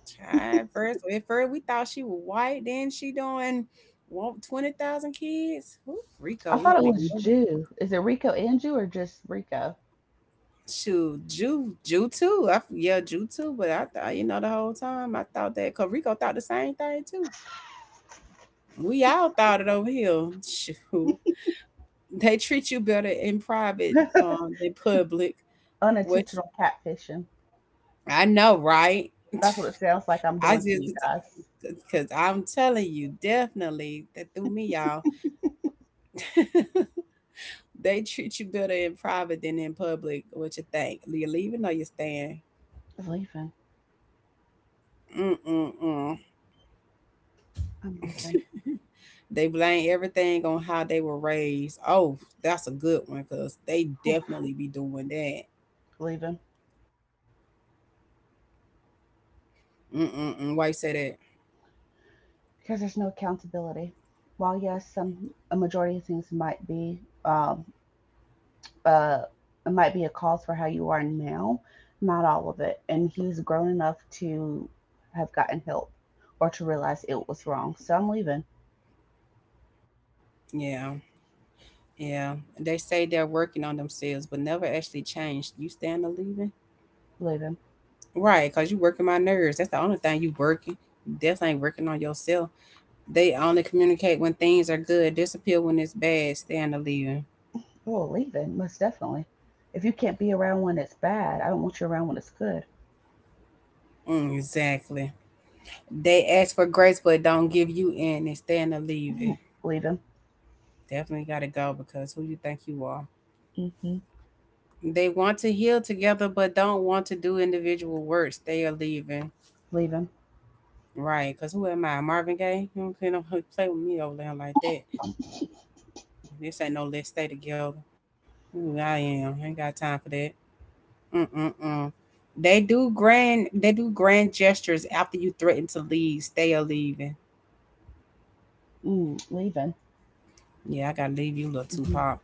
S1: Child, first we thought she was white, then she doing want 20,000 kids. Who Rico,
S2: I
S1: we
S2: thought
S1: don't
S2: it
S1: even
S2: was
S1: know.
S2: Jew. Is it Rico and Jew or just Rico?
S1: Shoot, Jew, Jew too. I, yeah, Jew too. But I thought, you know, the whole time I thought that, cause Rico thought the same thing too. We all thought it over here. Shoot. They treat you better in private than public, which
S2: Unintentional catfishing.
S1: I know, right?
S2: That's what it sounds like I'm
S1: I
S2: doing to
S1: just
S2: you guys.
S1: because I'm telling you, definitely that threw me, y'all. They treat you better in private than in public. What you think? You leaving or you staying?
S2: I'm leaving.
S1: Mm mm mm.
S2: I'm leaving.
S1: They blame everything on how they were raised. Oh, that's a good one because they
S2: Whew,
S1: definitely be doing that.
S2: leaving.
S1: Mm mm mm. Why you say that?
S2: Because there's no accountability. While yes, some a majority of things might be um, uh, it might be a cause for how you are now, not all of it. And he's grown enough to have gotten help or to realize it was wrong. So I'm leaving.
S1: Yeah. Yeah, they say they're working on themselves, but never actually changed. You stand to leaving,
S2: Leaving.
S1: right? Cause you working my nerves. That's the only thing you working. You definitely ain't working on yourself. They only communicate when things are good, disappear when it's bad. Stand to leaving.
S2: Oh, leaving, most definitely. If you can't be around when it's bad, I don't want you around when it's good.
S1: Mm, exactly. They ask for grace, but don't give you any. Stand to
S2: Mm-hmm.
S1: leaving.
S2: Leave
S1: Definitely got to go because who you think you are.
S2: him,
S1: They want to heal together, but don't want to do individual work. They are leaving.
S2: hmm leave him.
S1: Right, because who am I? Marvin Gaye? You know what I'm saying? Don't play with me over there like that. This ain't no let's stay together. Ooh, I am. I ain't got time for that. Mm-mm-mm. They do grand gestures after you threaten to leave. Stay or leaving.
S2: Mm, leaving.
S1: Yeah, I gotta leave you, little
S2: Hmm.
S1: Tupac.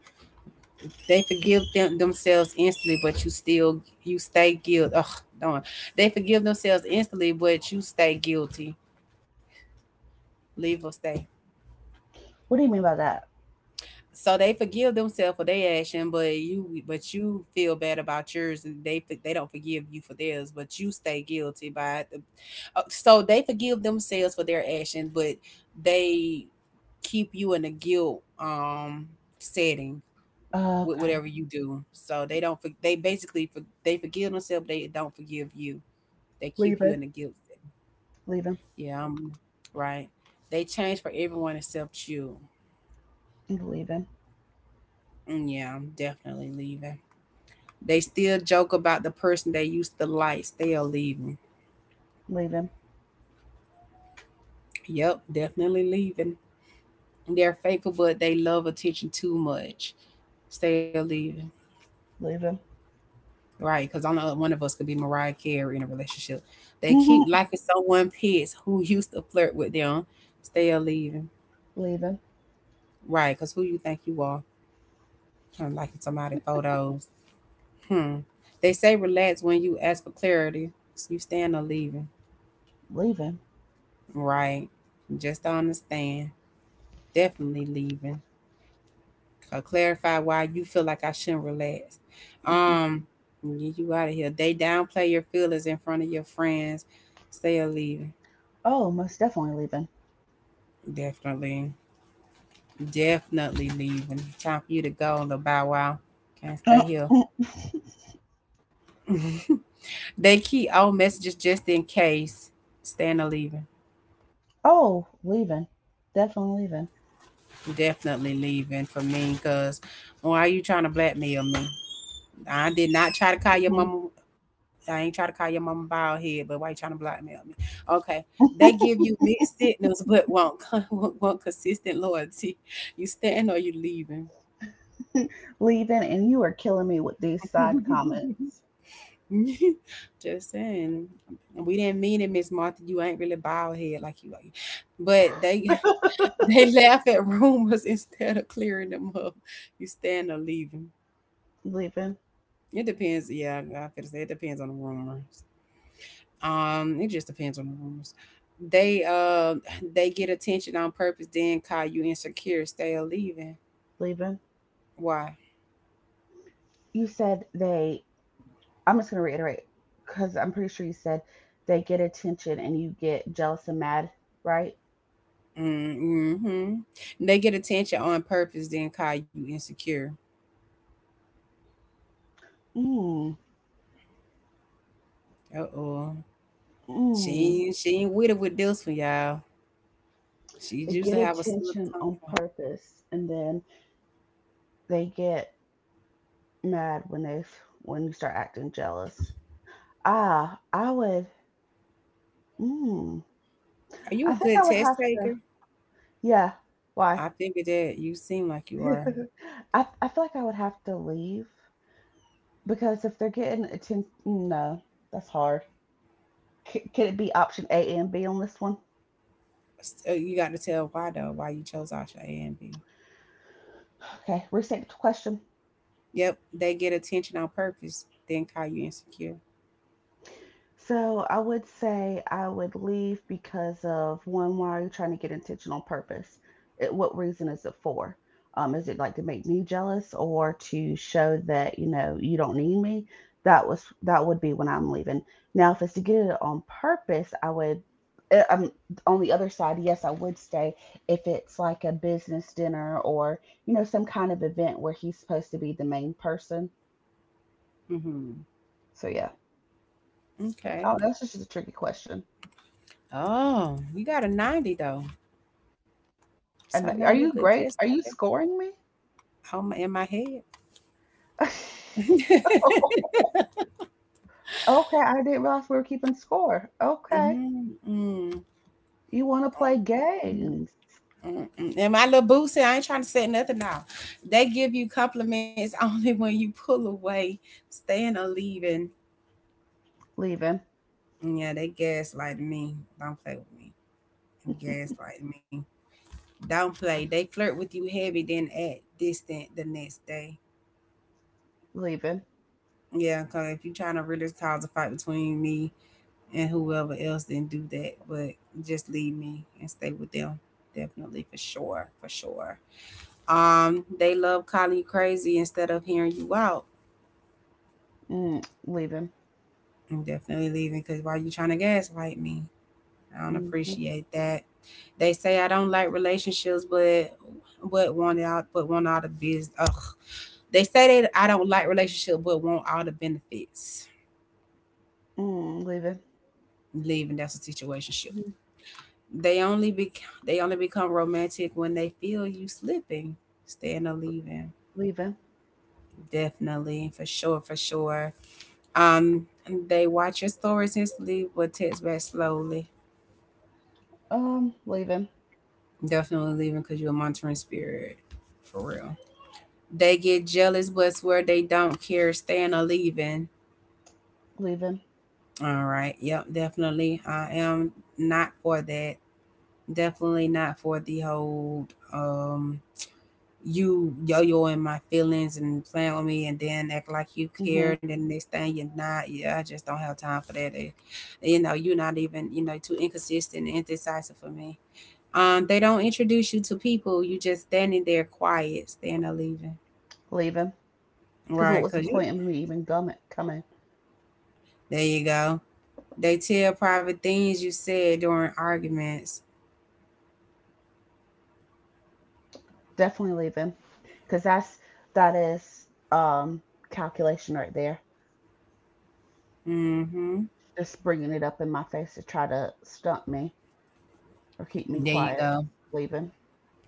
S1: They forgive themselves instantly, but you stay guilty. Ugh, darn. They forgive themselves instantly, but you stay guilty. Leave or stay.
S2: What do you mean by that?
S1: So they forgive themselves for their action, but you feel bad about yours, and they don't forgive you for theirs, but you stay guilty by it. So they forgive themselves for their action, but they keep you in a guilt setting with whatever
S2: Okay.
S1: you do. So they forgive themselves, they don't forgive you. They keep you
S2: Leaving.
S1: in a guilt setting.
S2: Leaving.
S1: Yeah, I'm right. They change for everyone except you.
S2: Leaving.
S1: Mm, yeah, I'm definitely leaving. They still joke about the person they used to like still leaving.
S2: Leaving.
S1: Yep, definitely leaving. They're faithful, but they love attention too much. Still leaving.
S2: Leaving.
S1: Right, because only one of us could be Mariah Carey in a relationship. They keep
S2: Hmm.
S1: liking someone pits who used to flirt with them. Still leaving.
S2: Leaving.
S1: Right, because who you think you are? Trying to liking somebody photos. Hmm. They say relax when you ask for clarity. So you stand or leaving.
S2: Leaving.
S1: Right. Just don't understand. Definitely leaving. Or clarify why you feel like I shouldn't relax.
S2: Hmm.
S1: Um, get you out of here. They downplay your feelings in front of your friends. Stay or leave.
S2: Oh, most definitely leaving.
S1: Definitely, definitely leaving. Time for you to go, little bow wow. Can't stay here. They keep old messages just in case. Staying or leaving.
S2: Oh, leaving. Definitely leaving.
S1: Definitely leaving for me, cause why are you trying to blackmail me? I did not try to call your
S2: Mhm.
S1: mama. I ain't try to call your mama bald head, but why you trying to blackmail me? Okay. They give you mixed signals, but won't, won't consistent loyalty. You staying or you leaving?
S2: Leaving, and you are killing me with these side comments.
S1: Just saying. And we didn't mean it, Miss Martha. You ain't really bald head like you are. But they they laugh at rumors instead of clearing them up. You staying or leaving.
S2: Leaving.
S1: It depends. Yeah, I to say it depends on the rumors. Um, it just depends on the rooms. They they get attention on purpose then call you insecure. Stay or leaving.
S2: Leaving.
S1: Why?
S2: You said they, I'm just going to reiterate because I'm pretty sure you said they get attention and you get jealous and mad, right?
S1: Mm-hmm. They get attention on purpose then call you insecure.
S2: Mm.
S1: Uh-oh.
S2: Mm.
S1: She ain't with it with this one, y'all. She
S2: They
S1: used
S2: get
S1: to have a slip
S2: attention on
S1: contract.
S2: purpose and then they get mad when they when you start acting jealous. Ah, I would, mm,
S1: Are you
S2: I
S1: a
S2: think I
S1: good
S2: would
S1: test
S2: have to,
S1: taker?
S2: yeah, why?
S1: I figured that you seem like you are.
S2: I feel like I would have to leave because if they're getting attention, no, that's hard. C- could it be option A and B on this one?
S1: You got to tell why though, why you chose option a and b.
S2: Okay, restate the question.
S1: Yep, they get attention on purpose then call you insecure.
S2: So I would say I would leave because of one, why are you trying to get intentional purpose? It, what reason is it for? Is it like to make me jealous or to show that, you know, you don't need me? That would be when I'm leaving. Now, if it's to get it on purpose, I would, uh, um on the other side, yes, I would stay if it's like a business dinner or, you know, some kind of event where he's supposed to be the main person.
S1: Hmm.
S2: So yeah.
S1: Okay.
S2: Oh, that's just a tricky question.
S1: Oh, you got a 90 though. So I know you're
S2: And
S1: a
S2: are
S1: good
S2: you
S1: test
S2: great?
S1: taker.
S2: Are you scoring me?
S1: Oh, my, in my head. Mm
S2: Okay, I didn't realize we were keeping score. Okay.
S1: mm mm,
S2: You want to play
S1: mm,
S2: games?
S1: mm. And my little boo said, I ain't trying to set nothing out. They give you compliments only when you pull away, staying or leaving.
S2: Leaving,
S1: Yeah, they gaslight me. Don't play with me. They gaslight me. Don't play. They flirt with you heavy, then act distant the next day.
S2: leaving,
S1: Yeah, because if you're trying to really cause a fight between me and whoever else didn't do that, but just leave me and stay with them. Definitely for sure, for sure. They love calling you crazy instead of hearing you out.
S2: leaving,
S1: I'm definitely leaving because why you trying to gaslight me? I don't
S2: mm, mm,
S1: appreciate that. They say I don't like relationships, but want out, but want all the biz. Ugh. They say that I don't like relationship, but want all the benefits.
S2: mm, leaving,
S1: Leaving that's a situation.
S2: mm,
S1: They only be they only become romantic when they feel you slipping, staying or leaving.
S2: leaving,
S1: Definitely, for sure, for sure. Um, they watch your stories and sleep, but text back slowly.
S2: leaving,
S1: Definitely leaving because you're a monitoring spirit, for real. They get jealous, but swear they don't care, staying or leaving.
S2: leaving,
S1: All right, yep, definitely. I am not for that. Definitely not for the whole. Um, you yo-yoing my feelings and playing with me, and then act like you care,
S2: mm-hmm,
S1: and then next thing you're not. Yeah, I just don't have time for that. You know, you're not even, too inconsistent and indecisive for me. They don't introduce you to people, you just standing there quiet, standing there leaving.
S2: leaving. Because what
S1: Right,
S2: was the
S1: because you,
S2: point of me even coming?
S1: there you go. They tell private things you said during arguments.
S2: Definitely leaving. Because that is um calculation right there.
S1: Mm-hmm,
S2: Just bringing it up in my face to try to stunt me. Or keep me
S1: there you
S2: quiet.
S1: go.
S2: Leaving.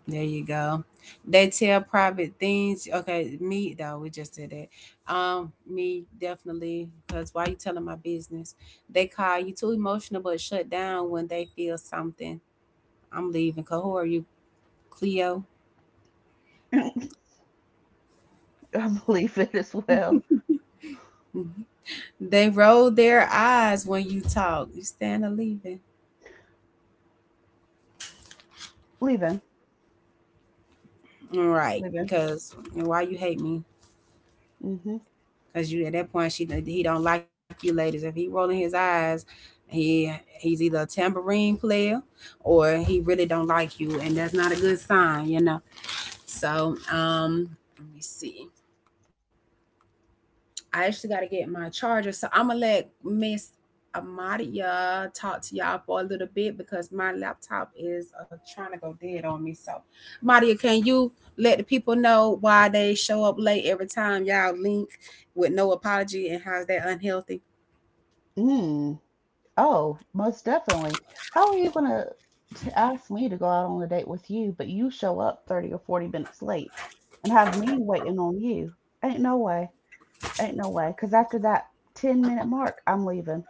S1: There you go. They tell private things. Okay, me though, we just did that. Me definitely, because why you telling my business? They call you too emotional, but shut down when they feel something. I'm leaving. Cause who are you, Cleo?
S2: I'm leaving as well.
S1: They roll their eyes when you talk. You stand a leaving.
S2: Leaving.
S1: All right,
S2: Leaving.
S1: because why you hate me?
S2: Mm-hmm.
S1: Because you, at that point, she, he don't like you, ladies. If he rolling his eyes, he he's either a tambourine player or he really don't like you, and that's not a good sign, you know. So let me see. I actually got to get my charger, so I'm gonna let Miss Amadia talk to y'all for a little bit because my laptop is trying to go dead on me. So, Amadia, can you let the people know why they show up late every time y'all link with no apology, and how's that unhealthy?
S2: Mm. Oh, most definitely. How are you gonna to ask me to go out on a date with you, but you show up 30 or 40 minutes late and have me waiting on you? Ain't no way. Ain't no way. Because after that 10-minute mark, I'm leaving.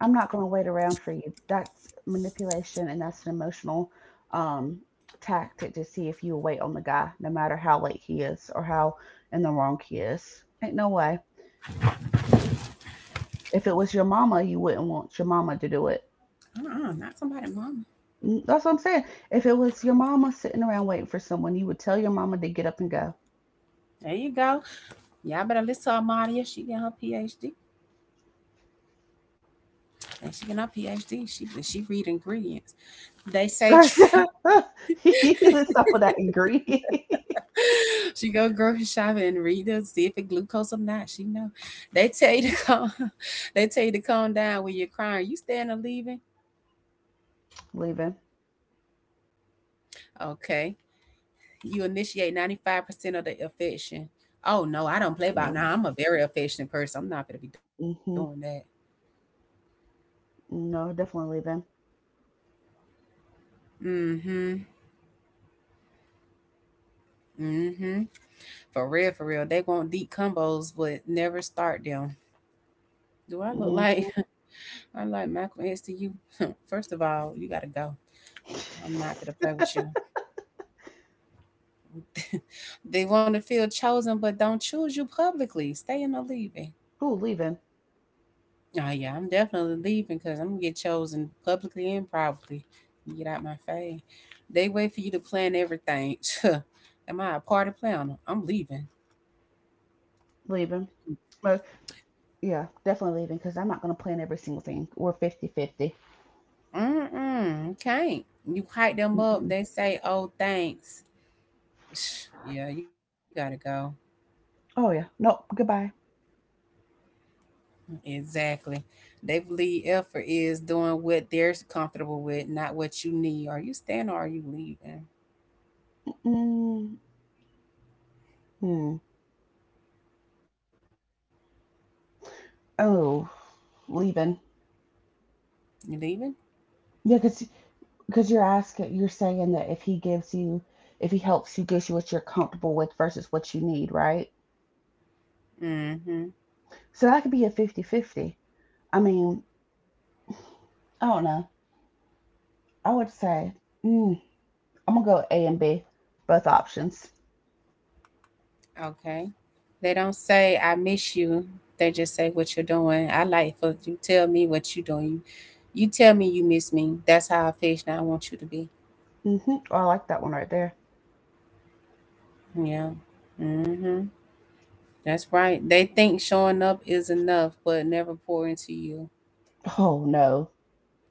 S2: I'm not going to wait around for you. That's manipulation and that's an emotional um, tactic to see if you wait on the guy, no matter how late he is or how in the wrong he is. Ain't no way. If it was your mama, you wouldn't want your mama to do it.
S1: Uh-uh, not somebody, mama.
S2: Mm, that's what I'm saying. If it was your mama sitting around waiting for someone, you would tell your mama to get up and go.
S1: There you go. Y'all better listen to Amadia. She got her PhD. And she got her PhD. She read ingredients. They say tr-
S2: You use up of that ingredient.
S1: she go grocery shopping and read it, see if it glucose or not. She know. They tell you to calm. They tell you to calm down when you're crying. You standing or leaving?
S2: Leaving.
S1: Okay. You initiate 95% of the affection. Oh no, I don't play about
S2: Mm-hmm.
S1: now. I'm a very affectionate person. I'm not gonna be doing that.
S2: Mm-hmm. No, definitely leaving.
S1: Mm-hmm. Mm-hmm. For real, for real. They want deep combos, but never start them. Do I look
S2: Mm-hmm.
S1: like I like Malcolm X to you? First of all, you gotta go. I'm not gonna play with you. They want to feel chosen, but don't choose you publicly. Stay in the leaving.
S2: Ooh, leaving.
S1: Oh yeah, I'm definitely leaving because I'm gonna get chosen publicly and privately. Get out my face. They wait for you to plan everything. Am I a party planner? I'm leaving.
S2: Leaving. But yeah, definitely leaving because I'm not going to plan every single thing. We're 50-50.
S1: Mm mm. Can't. You hype them up.
S2: Mm-mm.
S1: They say, "Oh, thanks." Yeah, you gotta go.
S2: Oh, yeah. Nope. Goodbye.
S1: Exactly. They believe effort is doing what they're comfortable with, not what you need. Are you staying or are you leaving?
S2: Mm-hmm. Oh, leaving.
S1: You leaving?
S2: Yeah, because you're asking, you're saying that if he gives you, if he helps you, gives you what you're comfortable with versus what you need, right?
S1: Mm-hmm.
S2: So that could be a 50-50. I mean, I don't know. I would say, mm, I'm going to go A and B, both options.
S1: Okay. They don't say I miss you. They just say what you're doing. I like for you tell me what you doing. You tell me you miss me. That's how I fish now I want you to be.
S2: Mm-hmm. Oh, I like that one right there.
S1: Yeah. Mhm. That's right. They think showing up is enough, but never pour into you.
S2: Oh, no.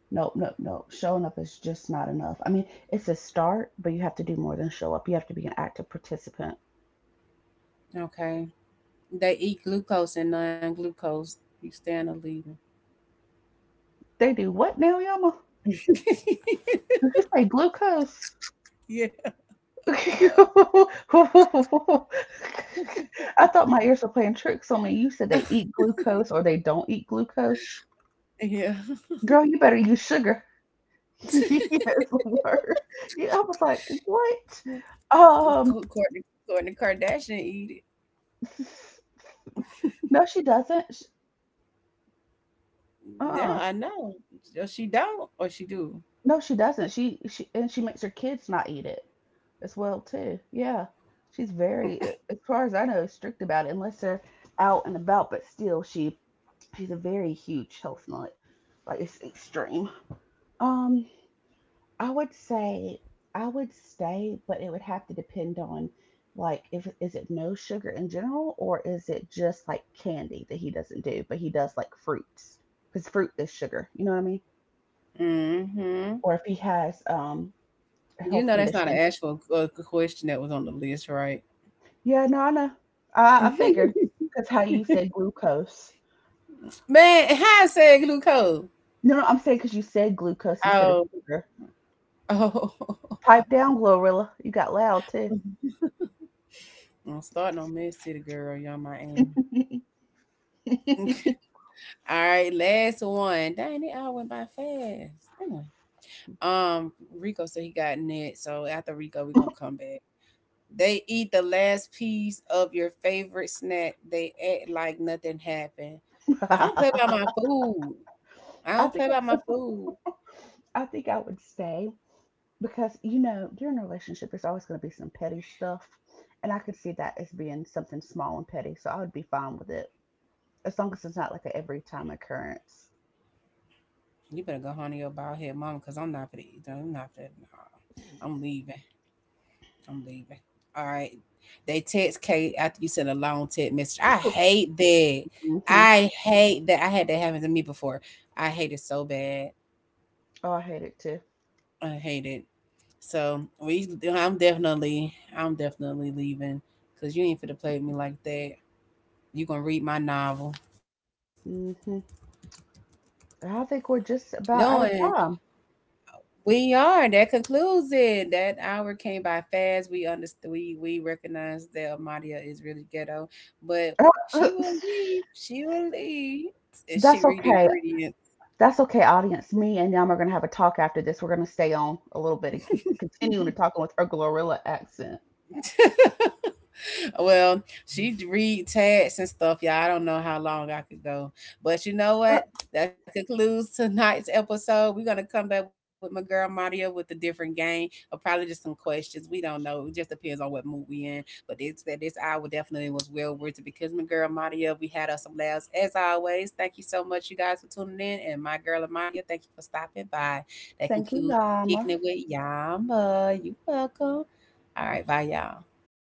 S2: Nope, nope, nope. Showing up is just not enough. I mean, it's a start, but you have to do more than show up. You have to be an active participant.
S1: Okay. They eat glucose and non glucose. You stand or leaving.
S2: They do what now, Yama? Did you say glucose?
S1: Yeah.
S2: I thought my ears were playing tricks on me. You said they eat glucose or they don't eat glucose.
S1: Yeah.
S2: Girl, you better use sugar. Yes, Lord. Yeah, I was like, what?
S1: Courtney, Courtney Kardashian eat it.
S2: No, she doesn't. Sh-
S1: Yeah,
S2: Uh-uh.
S1: I know. Or she don't, or she do.
S2: No, she doesn't. She and she makes her kids not eat it as well too. Yeah, she's very, as far as I know, strict about it unless they're out and about. But still, she's a very huge health nut. Like it's extreme. Um, I would say I would stay, but it would have to depend on like if is it no sugar in general or is it just like candy that he doesn't do, but he does like fruits because fruit is sugar. You know what I mean?
S1: Mm-hmm.
S2: Or if he has a
S1: You
S2: health
S1: know that's not an
S2: condition.
S1: actual question that was on the list, right?
S2: Yeah, no, I know. I figure. 'Cause how you said glucose.
S1: Man, how I said glucose?
S2: No, no, I'm saying because you said glucose instead of
S1: Oh,
S2: sugar.
S1: oh.
S2: Pipe down, Glorilla. You got loud too.
S1: I'm starting on Mess City, girl. Y'all, my aim. All right, last one. Dang, it, all went by fast. Dang. Um, Rico said he got net. So after Rico, we're gonna come back. They eat the last piece of your favorite snack. They act like nothing happened. I don't play about my food. I
S2: I
S1: don't
S2: think
S1: play about my food.
S2: I think I would say because you know during a relationship there's always going to be some petty stuff, and I could see that as being something small and petty, so I would be fine with it as long as it's not like an every time occurrence.
S1: You better go home to your bald head mama, cause I'm not for to eat. I'm not for. Nah, I'm leaving. I'm leaving. All right. They text Kate after you send a long text message. I hate that.
S2: Hmm.
S1: I hate that. I had that happen to me before. I hate it so bad.
S2: Oh, I hate it too.
S1: I hate it. So we, I'm definitely leaving because you ain't finna play with me like that. You gonna read my novel?
S2: Hmm. I think we're just
S1: Doing.
S2: about out of time.
S1: We are. That concludes it. That hour came by fast. We understand. We recognize that Amadia is really ghetto, but she will leave. She will leave, and she
S2: That's
S1: read
S2: okay.
S1: ingredients.
S2: That's okay, audience. Me and Yam are going to have a talk after this. We're going to stay on a little bit and keep continuing to talk with her gorilla accent.
S1: Well, she read tags and stuff, y'all. I don't know how long I could go, but you know
S2: Uh,
S1: what? That concludes tonight's episode. We're gonna come back with my girl Maria with a different game, or probably just some questions. We don't know. It just depends on what mood we in. But it's that this hour definitely was well worth it because my girl Maria, we had us some laughs as always. Thank you so much, you guys, for tuning in, and my girl Maria, thank you for stopping by. That
S2: thank you,
S1: concludes
S2: Yama.
S1: kicking it with Yama. You welcome. All right, bye y'all.
S2: Okay.